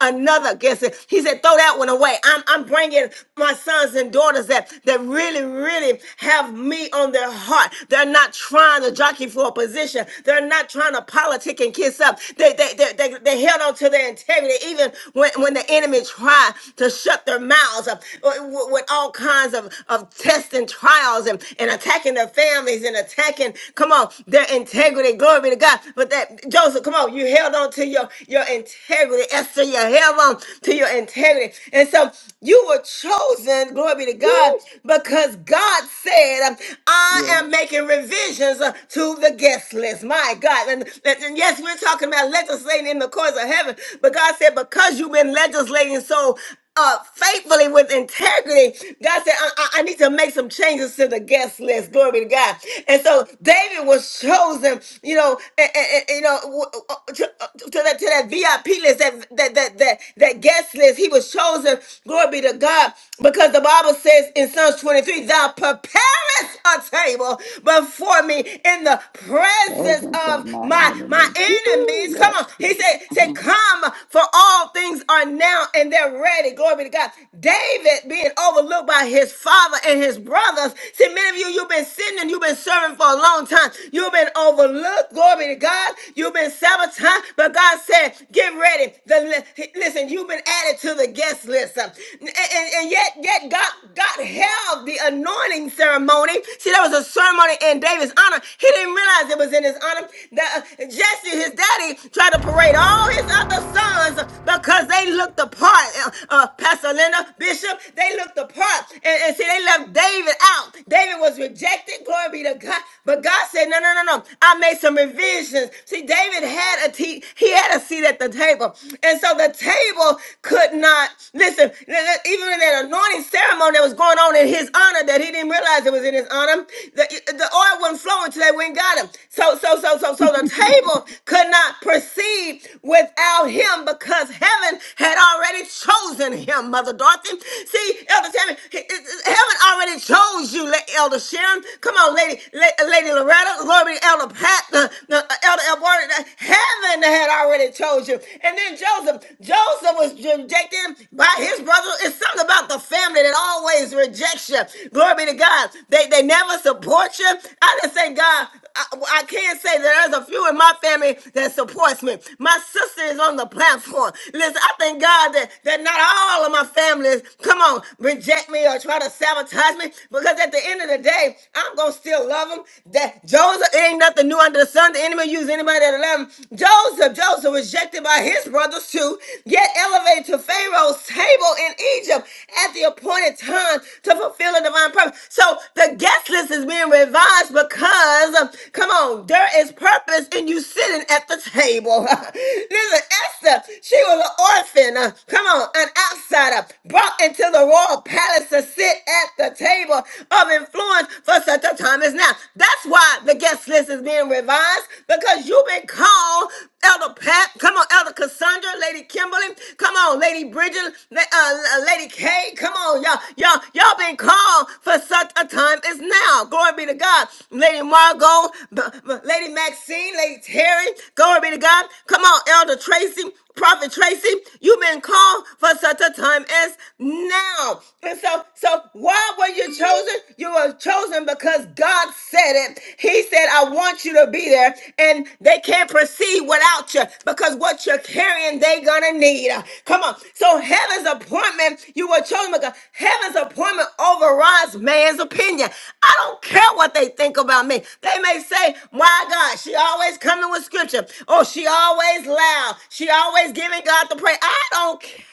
S1: have another guess. He said, throw that one away. I'm, I'm bringing my sons and daughters that, that really, really have me on their heart. They're not trying to jockey for a position. They're not trying to politic and kiss up. They, they, they, they, they held on to their integrity even when, when the enemy tried to shut their mouths up with with all kinds of, of tests and trials and, and attacking their families and attacking, come on, their integrity. Glory be to God. But that, Joseph, come on, you held on to your, your integrity as to your hair on, to your integrity. And so you were chosen, glory be to God,
S16: Woo!
S1: because God said, um, I
S16: Yes.
S1: am making revisions uh, to the guest list. My God. and and yes, we're talking about legislating in the courts of heaven, but God said, because you've been legislating so uh, faithfully with integrity. God said, I, I- I need to make some changes to the guest list. Glory be to God. And so David was chosen, you know, and, you know, w- uh, uh, to, uh, to that to that VIP list, that that that that that guest list. He was chosen. Glory be to God, because the Bible says in Psalms 23, "Thou preparest a table before me in the presence
S16: Presence of
S1: of
S16: my
S1: my my
S16: enemy. Woo!
S1: enemies." Come
S16: Yes,
S1: on,
S16: yes.
S1: he said, "said
S16: Mhm.
S1: Come, for all things are now and they're ready." already. Glory be to God. David being overlooked by his father and his brothers. See, many of you, you've been sitting and you've been serving for a long time. You've been overlooked. Glory be to God. You've been sabotaged. huh? But God said, get ready. The, li- listen, you've been added to the guest list. um, And, and- and yet, yet God, God held the anointing ceremony. See, there was a ceremony in David's honor. He didn't realize it was in his honor. The, uh, Jesse, his daddy, tried to parade all his other sons because they looked the part. uh, uh, Pastor Linda, Bishop, they looked the part. And, and see, they left David out. David was rejected, glory be to God. But God said, no, no, no, no. I made some revisions. See, David had a te- he had a seat at the table. And so the table could not, listen, even in that anointing ceremony that was going on in his honor that he didn't realize it was in his honor, the, the oil wasn't flowing until they went and got him. So, so, so, so, so the table could not proceed without him because heaven had already chosen chosen him, Mother Dorothy. See, Elder Tammy, he- he- heaven already chose you, La- Elder Sharon. Come on, Lady La- Lady Loretta, glory to Elder Pat, uh, uh, Elder Edward. Uh, Heaven had already chose you. And then Joseph, Joseph was rejected by his brother. It's something about the family that always rejects you. Glory be to God. They, they never support you. I just say, God, I, I can't say that there's a few in my family that supports me. My sister is on the platform. Listen, I thank God that, that not not all of my families, come on, reject me or try to sabotage me. Because at the end of the day, I'm going to still love them. That Joseph ain't nothing new under the sun. The enemy use anybody that love him. Joseph, Joseph rejected by his brothers too, yet elevated to Pharaoh's table in Egypt at the appointed time to fulfill the divine purpose. So the guest list is being revised because, um, come on, there is purpose in you sitting at the table. [laughs] Listen, Esther, she was an orphan. Uh, come on, an outsider brought into the royal palace to sit at the table of influence for such a time as now. That's why the guest list is being revised because you've been called, Elder Pat. Come on, Elder Cassandra, Lady Kimberly. Come on, Lady Bridget, La- uh, Lady Kay. Come on, y'all, y'all, y'all been called for such a time as now. Glory be to God, Lady Margot, B- B- Lady Maxine, Lady Terry. Glory be to God. Come on, Elder Tracy. Prophet Tracy, you've been called for for such a time as now. And so, so why were you chosen? You were chosen because God said it. He said, I want you to be there. And they can't proceed without you because what you're carrying, they gonna need. Come on. So heaven's appointment, you were chosen because heaven's appointment overrides man's opinion. I don't care what they think about me. They may say, why God? God. She always coming with scripture. Oh, she always loud. She always giving God the praise. I don't care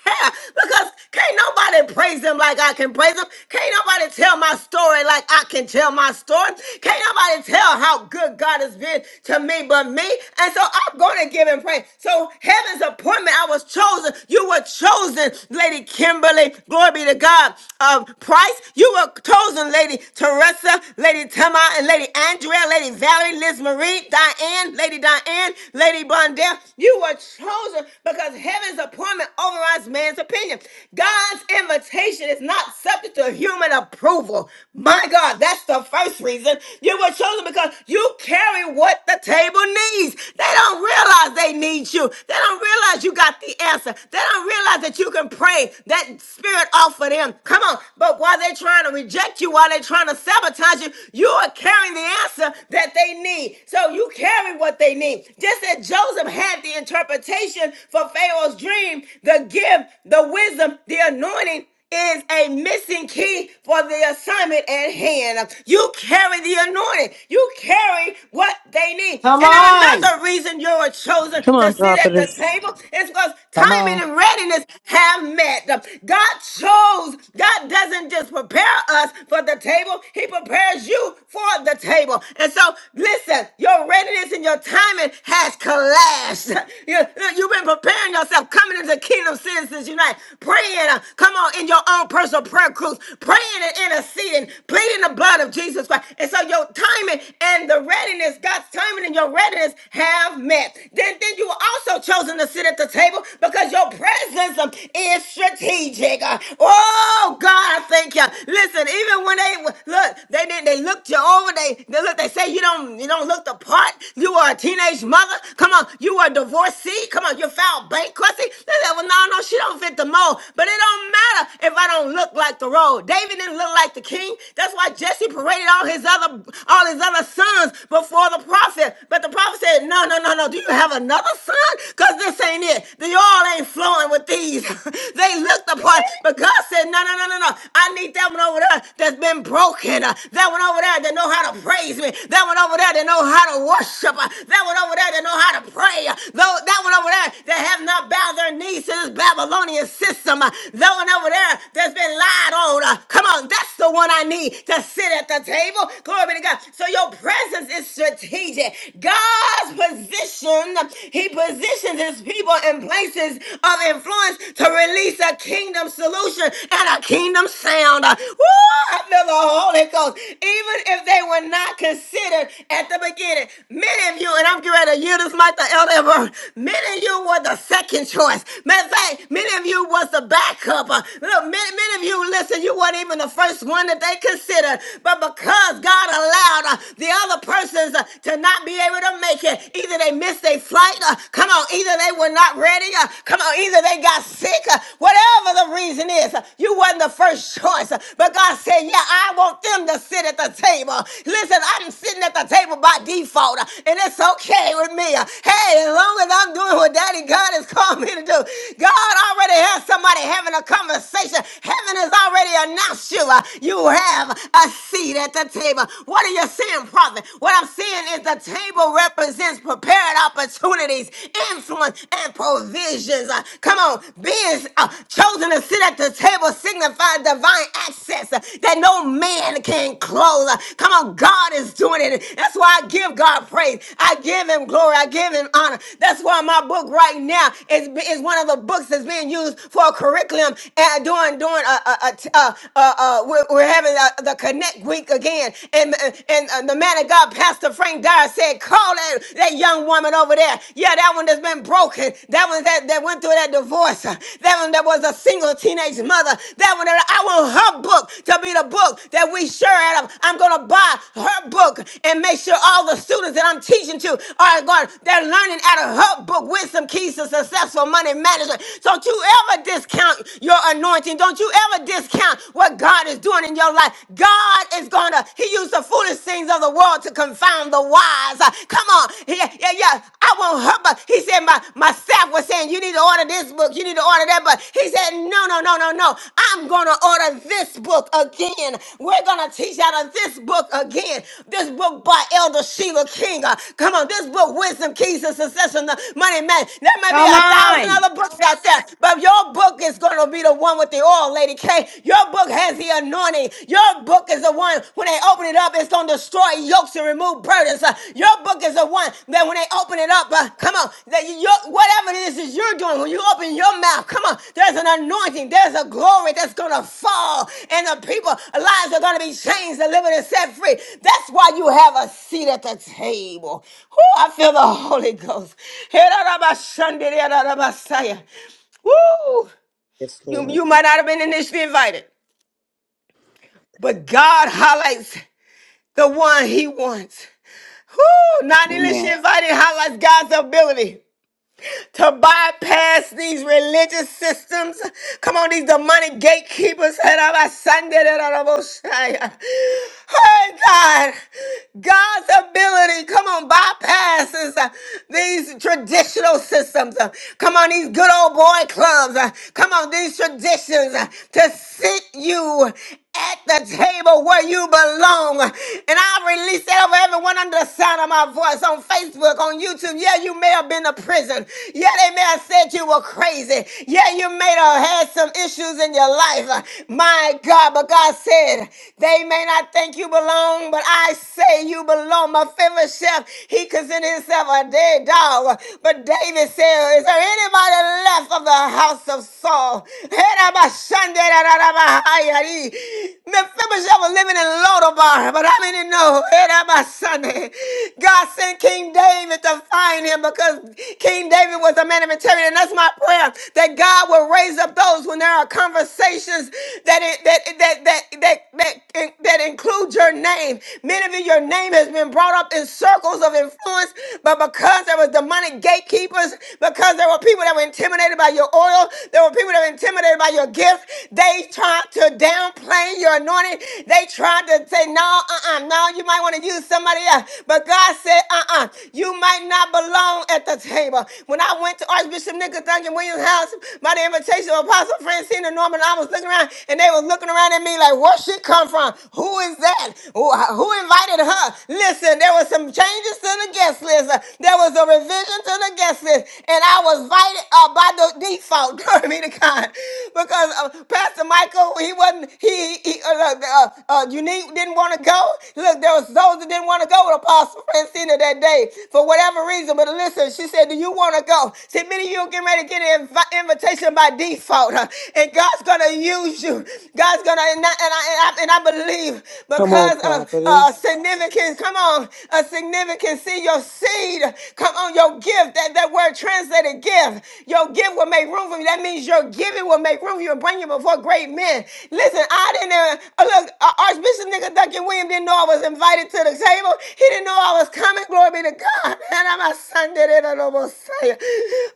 S1: because can't nobody praise him like I can praise him. Can't nobody tell my story like I can tell my story. Can't nobody tell how good God has been to me but me. And so I'm going to give him praise. So heaven's appointment, I was chosen. You were chosen, Lady Kimberly. Glory be to God. Of Price, you were chosen, Lady Teresa, Lady Tama, and Lady. Lady Andrea, Lady Valerie, Liz Marie, Diane, Lady Diane, Lady Bondell. You were chosen because heaven's appointment overrides man's opinion. God's invitation is not subject to human approval. My God, that's the first reason you were chosen because you carry what the table needs. They don't realize they need you. They don't realize you got the answer. They don't realize that you can pray that spirit off of them. Come on. But while they're trying to reject you, while they're there trying to sabotage you, you are carrying the answer that they need. So you carry what they need. Just as Joseph had the interpretation for Pharaoh's dream, the gift, the wisdom, the anointing is a missing key for the assignment at hand. You carry the anointing. You carry what they need.
S9: Come
S1: And then
S9: on.
S1: another reason you were chosen
S17: Come
S1: to
S17: on,
S1: sit at the
S17: prophetess.
S1: table is because
S2: Come
S1: timing
S2: on.
S1: and readiness have met. God chose, God doesn't just prepare us for the table, He prepares you for the table. And so, listen, your readiness and your timing has collapsed. [laughs] You, you've been preparing yourself, coming into Kingdom Citizens Unite, praying, uh, come on, in your own personal prayer cruise, praying and interceding, pleading the blood of Jesus Christ. And so, your timing and the readiness, God's timing and your readiness have met. Then, then you were also chosen to sit at the table because your presence um, is strategic strategic. Uh, Oh God, I thank you. Listen, even when they w- look, they didn't. They looked you over. They they look. They say you don't you don't look the part. You are a teenage mother. Come on, you are a divorcee. Come on, you filed bankruptcy. They said, well, no, no, she don't fit the mold. But it don't matter if I don't look like the role. David didn't look like the king. That's why Jesse paraded all his other all his other sons before the prophet. But the prophet said, no, no, no, no. Do you have another son? Cause this ain't it. The Y'all ain't flowing with these. [laughs] they look the part, but God said, no, no, no, no, no. I need that one over there that's been broken. Uh, That one over there that know how to praise me. That one over there that know how to worship. Uh, That one over there that know how to pray. Uh, Though that one over there that have not bowed their knees to this Babylonian system. Uh, That one over there that's been lied on. Uh, Come on, that's the one I need to sit at the table. Glory be to God. So your presence is strategic. God's position, He he positions his people in places of influence to release a kingdom solution and a kingdom sound. Uh, Woo! I feel the Holy Ghost. Even if they were not considered at the beginning, many of you, and I'm getting ready to yield this mic to Elder Ever, many of you were the second choice. Matter of fact, many of you was the backup. Uh, Look, many, many of you, listen, you weren't even the first one that they considered, but because God allowed uh, the other persons uh, to not be able to couldn't make it. Either they missed their flight. uh, come on. Either they were not ready. uh, come on. Either they got sick. uh, whatever the reason is, uh, you wasn't the first choice. uh, but God said, yeah, I want them to sit at the table. Listen, I'm sitting at the table by default. uh, and it's okay with me. uh, hey, as long as I'm doing what Daddy God has called me to do. God already has somebody having a conversation. Heaven has already announced you. uh, you have a seat at the table. What are you saying? prophet. What I'm seeing is the table represents prepared opportunities, influence, and provisions. Uh, come on, being uh, chosen to sit at the table signifies divine access uh, that no man can close. Uh, come on, God is doing it. That's why I give God praise. I give Him glory. I give Him honor. That's why my book right now is, is one of the books that's being used for a curriculum and doing doing a, a, a, a, a, a, a we're, we're having a, the connect group that week again. And, and uh, the man of God, Pastor Frank Dyer, said, Call that, that young woman over there. Yeah, that one that's been broken. That one that, that went through that divorce. Uh, That one that was a single teenage mother. That one that I want her book to be the book that we share at. um, I'm going to buy her book and make sure all the students that I'm teaching to are going, they're learning out of her book with some keys to successful money management. Don't you ever discount your anointing. Don't you ever discount what what God is doing in your life. God is going to, He used the foolish things of the world to confound the wise. Uh, Come on. Yeah, yeah, yeah. I won't hurt, but He said, my, my staff was saying, you need to order this book, you need to order that, but He said, no, no, no, no, no. I'm going to order this book again. We're going to teach out of this book again. This book by Elder Sheila King. Uh, Come on, this book, Wisdom Keys to Success and the Money Man. There may be
S9: Come
S1: a thousand
S9: on.
S1: other books out there, but your book is going to be the one the one with the oil, Lady K. Your book has the anointing. Your book is the one, when they open it up, it's going to destroy yokes and remove burdens. Uh, your book is the one that when they open it up, uh, come on, that you, your, whatever it is that you're doing, when you open your mouth, come on, there's an anointing, there's a glory that's going to fall, and the people's lives are going to be changed, delivered, and set free. That's why you have a seat at the table. Oh, I feel the [laughs] Holy Ghost. Woo!
S15: Yes,
S1: You,
S15: Lord.
S1: you might not have been initially invited, but God highlights the one he wants. Who not initially
S16: Amen.
S1: invited highlights God's ability to bypass these religious systems. Come on, these demonic gatekeepers. Hey, God, God's ability, come on, bypasses uh, these traditional systems. Uh, Come on, these good old boy clubs. Uh, Come on, these traditions uh, to sit you at the table where you belong. And I release that over everyone under the sound of my voice on Facebook, on YouTube to. Yeah, you may have been to prison. Yeah, they may have said you were crazy. Yeah, you may have had some issues in your life. Uh, My God, but God said, they may not think you belong, but I say you belong. My favorite chef, he considered himself a dead dog. But David said, is there anybody left of the house of Saul? Mephibosheth was living in Lodabar, but how many know? God sent King David to find him because King David was a man of integrity. And that's my prayer that God will raise up those when there are conversations that it, that, that, that, that, that, that include your name. Many of you, your name has been brought up in circles of influence, but because there were demonic gatekeepers, because there were people that were intimidated by your oil, there were people that were intimidated by your gift, they tried to downplay your anointing. They tried to say, no, uh-uh, uh, no, you might want to use somebody else. But God said, uh uh you might not belong at the table. When I went to Archbishop Nicholas Duncan Williams' house by the invitation of Apostle Francine and Norman, I was looking around and they were looking around at me like, where she come from? Who is that? Who, who invited her? Listen, there was some changes to the guest list. There was a revision to the guest list. And I was invited uh, by the default, [laughs] glory be to God. Because uh, Pastor Michael, he wasn't, he, he, uh, uh, uh, Unique didn't want to go. Look, there was those that didn't want to go with Apostle Francina that day for whatever reason. But listen, she said, "Do you want to go?" See, many of you are getting ready to get an invi- invitation by default, huh? and God's gonna use you. God's gonna, and I, and I, and I, and I believe
S8: Come on,
S1: because of uh,
S8: prophetess.
S1: significance. Come on, a significance. See your seed. Come on, your gift. That that word translated gift. Your gift will make room for you. That means your giving will make room for you and bring you before great men Amen. Listen, I didn't even, uh, look, uh, Archbishop Nigga Duncan William didn't know I was invited to the table. He didn't know I was coming. Glory be to God. And I'm a Sunday in a noble Messiah.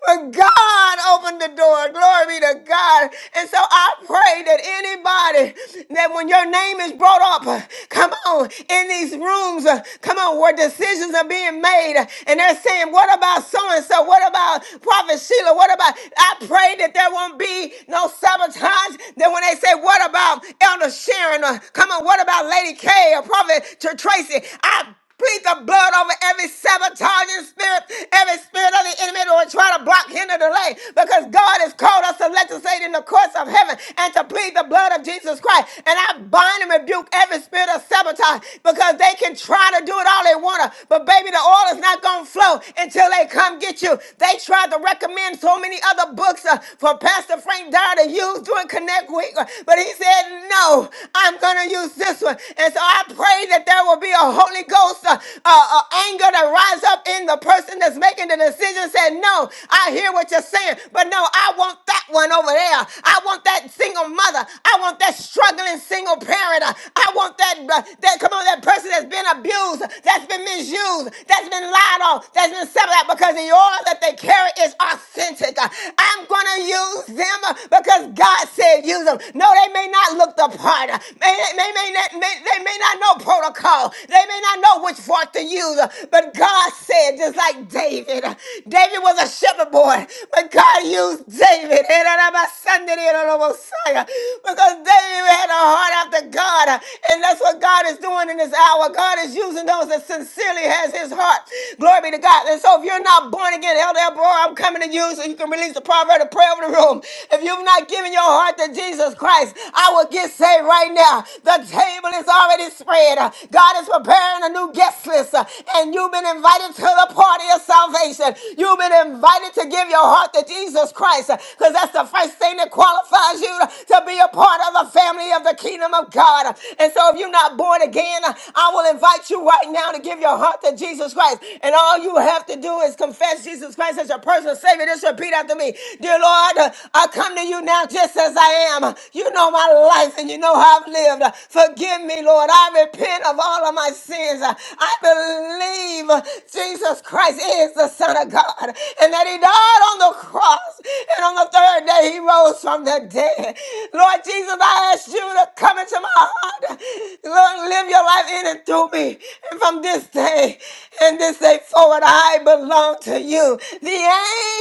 S1: But God opened the door. Glory be to God. And so I pray that anybody that when your name is brought up, uh, come on, in these rooms, uh, come on, where decisions are being made uh, and they're saying, what about so and so? What about Prophet Sheila? What about, I pray that there won't be be no sabotage. Then when they say, what about Elder Sharon? Or come on, what about Lady K or Prophet Tr- Tracy? I Plead the blood over every sabotaging spirit, every spirit of the enemy that will try to block, hinder, delay. Because God has called us to legislate in the courts of heaven and to plead the blood of Jesus Christ. And I bind and rebuke every spirit of sabotage because they can try to do it all they want to. But baby, the oil is not going to flow until they come get you. They tried to recommend and so many other books uh, for Pastor Frank Dyer to use during Connect Week. uh, But he said, no, I'm going to use this one. And so I pray that there will be a Holy Ghost uh, uh, uh, anger to rise up in the person that's making the decision. Said, no, I hear what you're saying, but no, I want that one over there. I want that single mother. I want that struggling single parent. Uh, I want that, uh, that come on, that person that's been abused, that's been misused, that's been lied on, that's been separated because the oil that they carry is authentic. Uh, I'm going to use them uh, because God said use them. No, they may not look the part. Uh, May, may, may not, may- they may not know protocol. They may not know which fork to use. Uh, But God said, just like David, uh, David was a shepherd boy, but God used David. and I'm a son of the Messiah Because David had a heart after God. Uh, And that's what God is doing in this hour. God is using those that sincerely has his heart heart. Glory be to God. And so if you're not born again, Elder Elbora, I'm coming to you so you can release the proverb of prayer over the room. If you've not given your heart to Jesus Christ, I will get saved right now. The table is already spread. Uh, God is preparing a new guest list, uh, and you've been invited to the party of salvation. You've been invited to give your heart to Jesus Christ because that's the first thing that qualifies you to to be a part of the family of the kingdom of God. And so if you're not born again, I will invite invite you right now to give your heart to Jesus Christ. And all you have to do is confess Jesus Christ as your personal Savior. Just repeat after me Dear Lord, uh, I come to you now just as I am. You know my life and you know how I've lived. Forgive me, Lord. I repent of all of my sins. I believe Jesus Christ is the Son of God and that He died on the cross. And on the third day, He rose from the dead. Lord Jesus, I ask you to come into my heart. Lord, live your life in and through me. And from this day and this day forward, I belong to you. The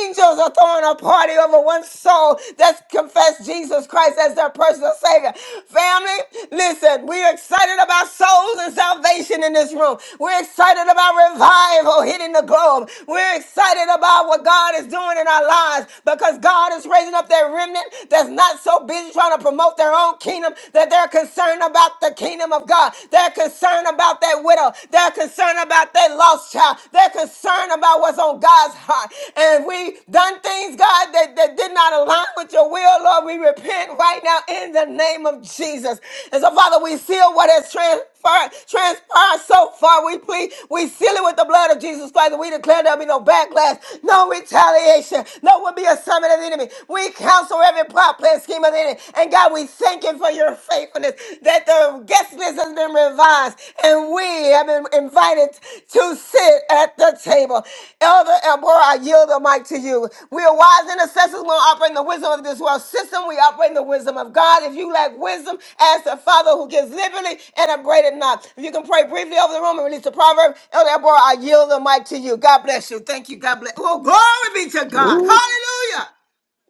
S1: angels are throwing a party over one soul that's confessed Jesus Christ as their personal Savior. Family, listen, we're excited about souls and salvation in this room. We're excited about revival hitting the globe. We're excited about what God is doing in our lives because God is raising up that remnant that's not so busy trying to promote their own kingdom kingdom, that they're concerned about the kingdom of God. They're concerned about that widow. They're concerned about that lost child. They're concerned about what's on God's heart. And we done things, God, that, that did not align with your will, Lord. We repent right now in the name of Jesus. And so, Father, we seal what has transpired transpired, transpired so far. We plead, we seal it with the blood of Jesus Christ. and We declare there'll be no backlash, no retaliation, no will be a summit of the enemy. We counsel every plot, plan, scheme of the enemy. And God, we thank you for your faithfulness that the guest list has been revised and we have been invited to sit at the table. Elder Elbora, I yield the mic to you. We are wise intercessors. We don't operate in the wisdom of this world system. We operate in the wisdom of God. If you lack wisdom, ask the Father who gives liberally and upbraided not. If you can pray briefly over the room and release the proverb, Elder Elbora, I yield the mic to you. God bless you. Thank you. God bless. Oh, glory be to God.
S16: Ooh,
S1: Hallelujah.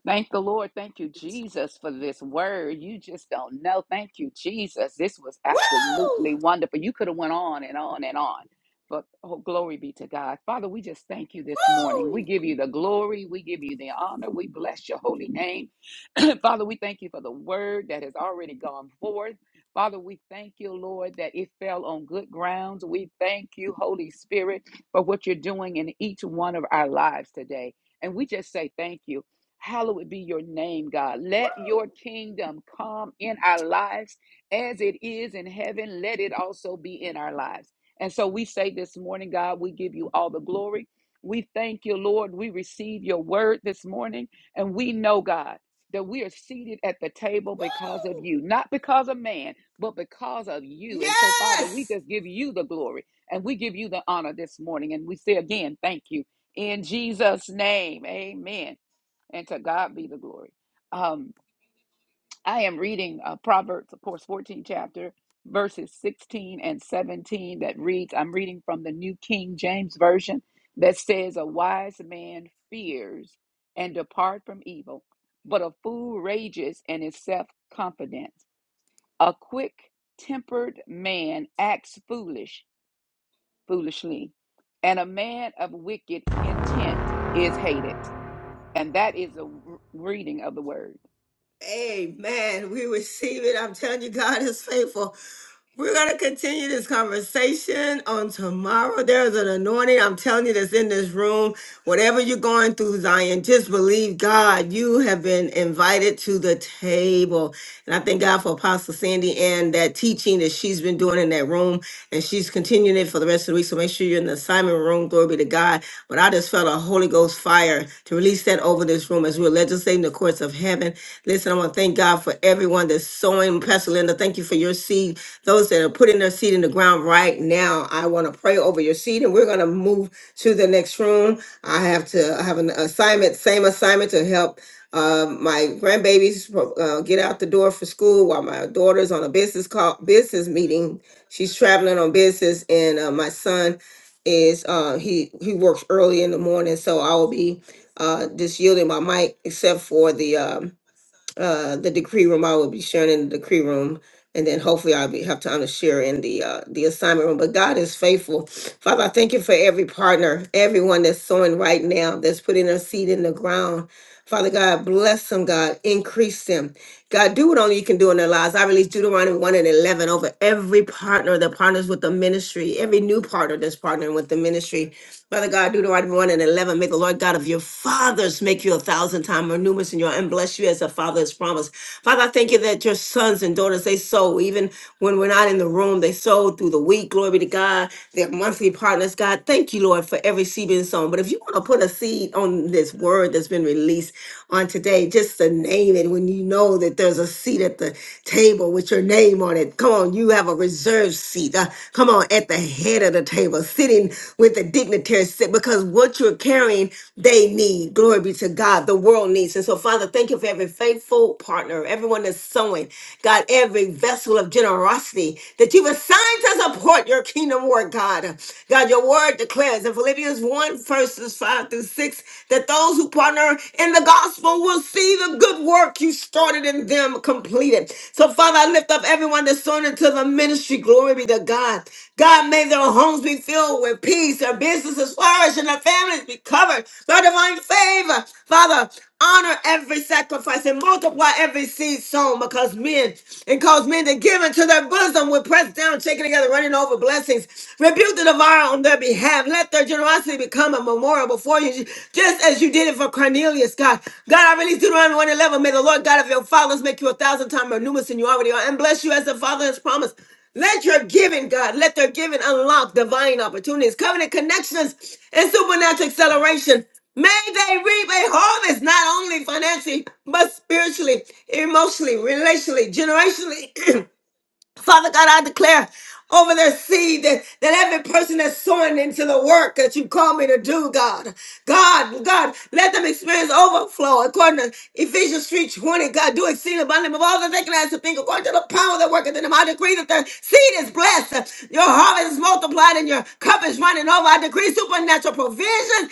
S16: Thank the Lord. Thank you, Jesus, for this word. You just don't know. Thank you, Jesus. This was
S1: Woo!
S16: absolutely wonderful. You could have went on and on and on. But oh, glory be to God. Father, we just thank you this morning. We give you the glory. We give you the honor. We bless your holy name. [clears throat] Father, we thank you for the word that has already gone forth. Father, we thank you, Lord, that it fell on good grounds. We thank you, Holy Spirit, for what you're doing in each one of our lives today. And we just say thank you. Hallowed be your name, God. Let your kingdom come in our lives as it is in heaven. Let it also be in our lives. And so we say this morning, God, we give you all the glory. We thank you, Lord. We receive your word this morning. And we know, God, that we are seated at the table because of you, not because of man, but because of you. And
S1: Yes,
S16: so, Father, we just give you the glory and we give you the honor this morning. And we say again, thank you. In Jesus' name, amen and to God be the glory. Um, I am reading uh, Proverbs, of course, 14 chapter, verses 16 and 17 that reads, I'm reading from the New King James Version that says, A wise man fears and depart from evil, but a fool rages and is self confident. A quick tempered man acts foolish, foolishly, and a man of wicked intent is hated. And that is a reading of the word.
S1: Amen. We receive it. I'm telling you, God is faithful. We're going to continue this conversation on tomorrow. There's an anointing, I'm telling you, that's in this room. Whatever you're going through, Zion, just believe God. You have been invited to the table. And I thank God for Apostle Sandy and that teaching that she's been doing in that room. And she's continuing it for the rest of the week. So make sure you're in the assignment room. Glory be to God. But I just felt a Holy Ghost fire to release that over this room as we're legislating the courts of heaven. Listen, I want to thank God for everyone that's sowing. Pastor Linda, thank you for your seed. Those that are putting their seed in the ground right now, I want to pray over your seed. And we're going to move to the next room. I have to I have an assignment, same assignment to help um, my grandbabies uh, get out the door for school while my daughter's on a business call, business meeting. She's traveling on business, and uh, my son is uh, he he works early in the morning, so I will be uh, just yielding my mic except for the um, uh, the decree room. I will be sharing in the decree room. And then hopefully I'll be have time to share in the uh, the assignment room. But God is faithful. Father, I thank you for every partner, everyone that's sowing right now, that's putting their seed in the ground. Father God, bless them, God. Increase them. God, do what only you can do in their lives. I release Deuteronomy 1 and 11 over every partner that partners with the ministry, every new partner that's partnering with the ministry. Father God, Deuteronomy 1 and 11, may the Lord God of your fathers make you a thousand times more numerous in your and bless you as a father has promised. Father, I thank you that your sons and daughters, they sow, even when we're not in the room, they sow through the week. Glory be to God, their monthly partners. God, thank you, Lord, for every seed being sown. But if you want to put a seed on this word that's been released on today, just to name it when you know that there's a seat at the table with your name on it. Come on on, you have a reserved seat. Uh, come on, at the head of the table, sitting with the dignitary sit because what you're carrying, they need. Glory be to God. The world needs. And so, Father, thank you for every faithful partner, everyone that's sowing. God, every vessel of generosity that you've assigned to support your kingdom work, God. God, your word declares in Philippians 1, verses 5 through 6, that those who partner in the gospel will see the good work you started in them completed. So, Father, I lift up everyone that's sown into the ministry. Glory be to God. God, may their homes be filled with peace, their businesses flourish, and their families be covered by divine favor. Father, honor every sacrifice and multiply every seed sown because men and cause men to give into their bosom with pressed down, shaken together, running over blessings. Rebuke the devourer on their behalf have. Let their generosity become a memorial before you, just as you did it for Cornelius, God. God, I release Deuteronomy 1 eleven. May the Lord God of your fathers make you a thousand times more numerous than you already are and bless you as the Father has promised. Let your giving, God, let their giving unlock divine opportunities, covenant connections, and supernatural acceleration. May they reap a harvest, not only financially, but spiritually, emotionally, relationally, generationally. [clears throat] Father God, I declare over their seed that, that every person that's sowing into the work that you call me to do, God. God, God, let them experience overflow according to Ephesians 3 20. God, do exceeding abundantly above all that they can ask to think according to the power that worketh in them. I decree that their seed is blessed. Your harvest is multiplied and your cup is running over. I decree supernatural provision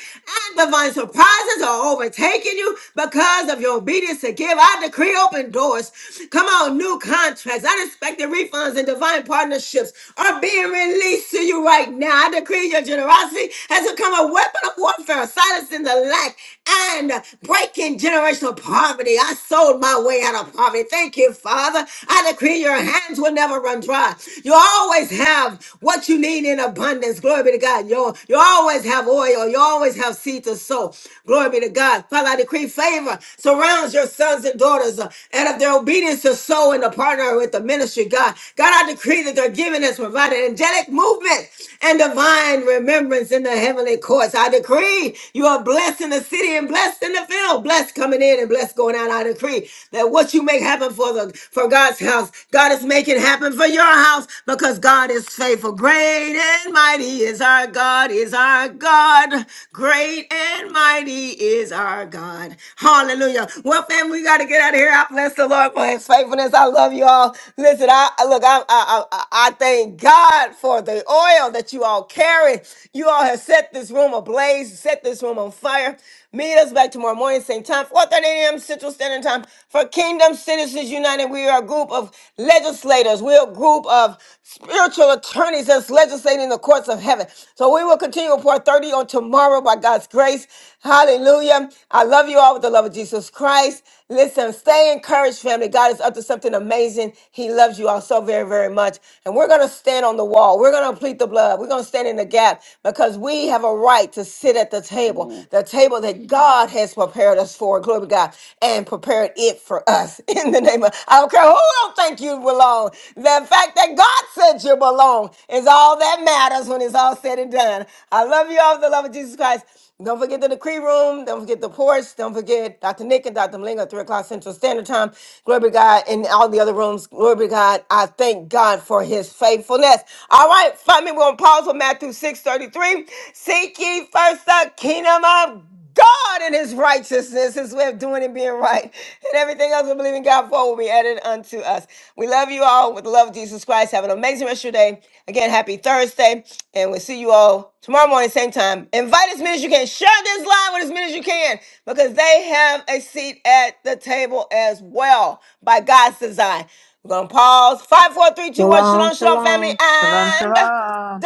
S1: divine surprises are overtaking you because of your obedience to give. I decree open doors. Come on, new contracts, unexpected refunds, and divine partnerships are being released to you right now. I decree your generosity has become a weapon of warfare, silencing the lack and breaking generational poverty. I sold my way out of poverty. Thank you, Father. I decree your hands will never run dry. You always have what you need in abundance hands. Glory be to God. You, you always have oil. You always have seed to sow. Glory be to God. Father, I decree favor surrounds your sons and daughters uh, and of their obedience to sow and to partner with the ministry, God. God, I decree that their giving has provided angelic movement and divine remembrance in the heavenly courts. I decree you are blessed in the city and blessed in the field, blessed coming in and blessed going out. I decree that what you make happen for the for God's house, God is making happen for yours your house because God is faithful. Great and mighty is our God, is our God. Great and mighty is our God. Hallelujah. Well, family, we got to get out of here. I bless the Lord for his faithfulness. I love you all. Listen, I I- look, I, I, I, I thank God for the oil that you all carry. You all have set this room ablaze, set this room on fire. Meet us back tomorrow morning, same time, 4.30 a.m. Central Standard Time for Kingdom Citizens United. We are a group of legislators. We're a group of spiritual attorneys that's legislating the courts of heaven. So we will continue at 4.30 on tomorrow by God's grace. Hallelujah. I love you all with the love of Jesus Christ. Listen, stay encouraged, family. God is up to something amazing. He loves you all so very, very much. And we're going to stand on the wall. We're going to plead the blood. We're going to stand in the gap because we have a right to sit at the table,
S16: Amen.
S1: the table that God has prepared us for. Glory to God. And prepared it for us. [laughs] In the name of, I don't care who don't think you belong. The fact that God said you belong is all that matters when it's all said and done. I love you all with the love of Jesus Christ. Don't forget the decree room. Don't forget the porch. Don't forget Dr. Nick and Dr. Malinga, 3 o'clock Central Standard Time. Glory be to God. And all the other rooms. Glory be to God. I thank God for his faithfulness. All right, family, we're going to pause with Matthew 6 33. Seek ye first the kingdom of God and his righteousness, his way of doing and being right, [laughs] and everything else we believe in God for will be added unto us. We love you all with the love of Jesus Christ. Have an amazing rest of your day. Again, happy Thursday, and we'll see you all tomorrow morning, same time. Invite as many as you can. Share this line with as many as you can because they have a seat at the table as well by God's design. We're going to pause. Five, four, three, two, one.
S18: Shalom,
S1: Shalom, shalom,
S18: shalom.
S1: family,
S2: Shalom,
S1: and
S2: shalom.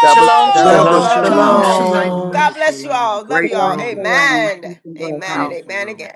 S15: Double
S17: Shalom,
S2: Double
S15: shalom.
S8: Double
S19: Shalom,
S17: shalom.
S2: shalom.
S14: shalom,
S2: Have a
S1: shalom.
S2: great
S8: shalom.
S19: shalom.
S14: shalom.
S1: God
S8: Double
S1: bless you
S8: shalom.
S1: all. Love you
S8: Great
S1: all.
S5: Shalom,
S8: room.
S5: shalom.
S1: Amen.
S5: Peace and
S1: Amen
S5: blessings.
S1: and
S8: Powerful
S1: amen
S8: room.
S1: again.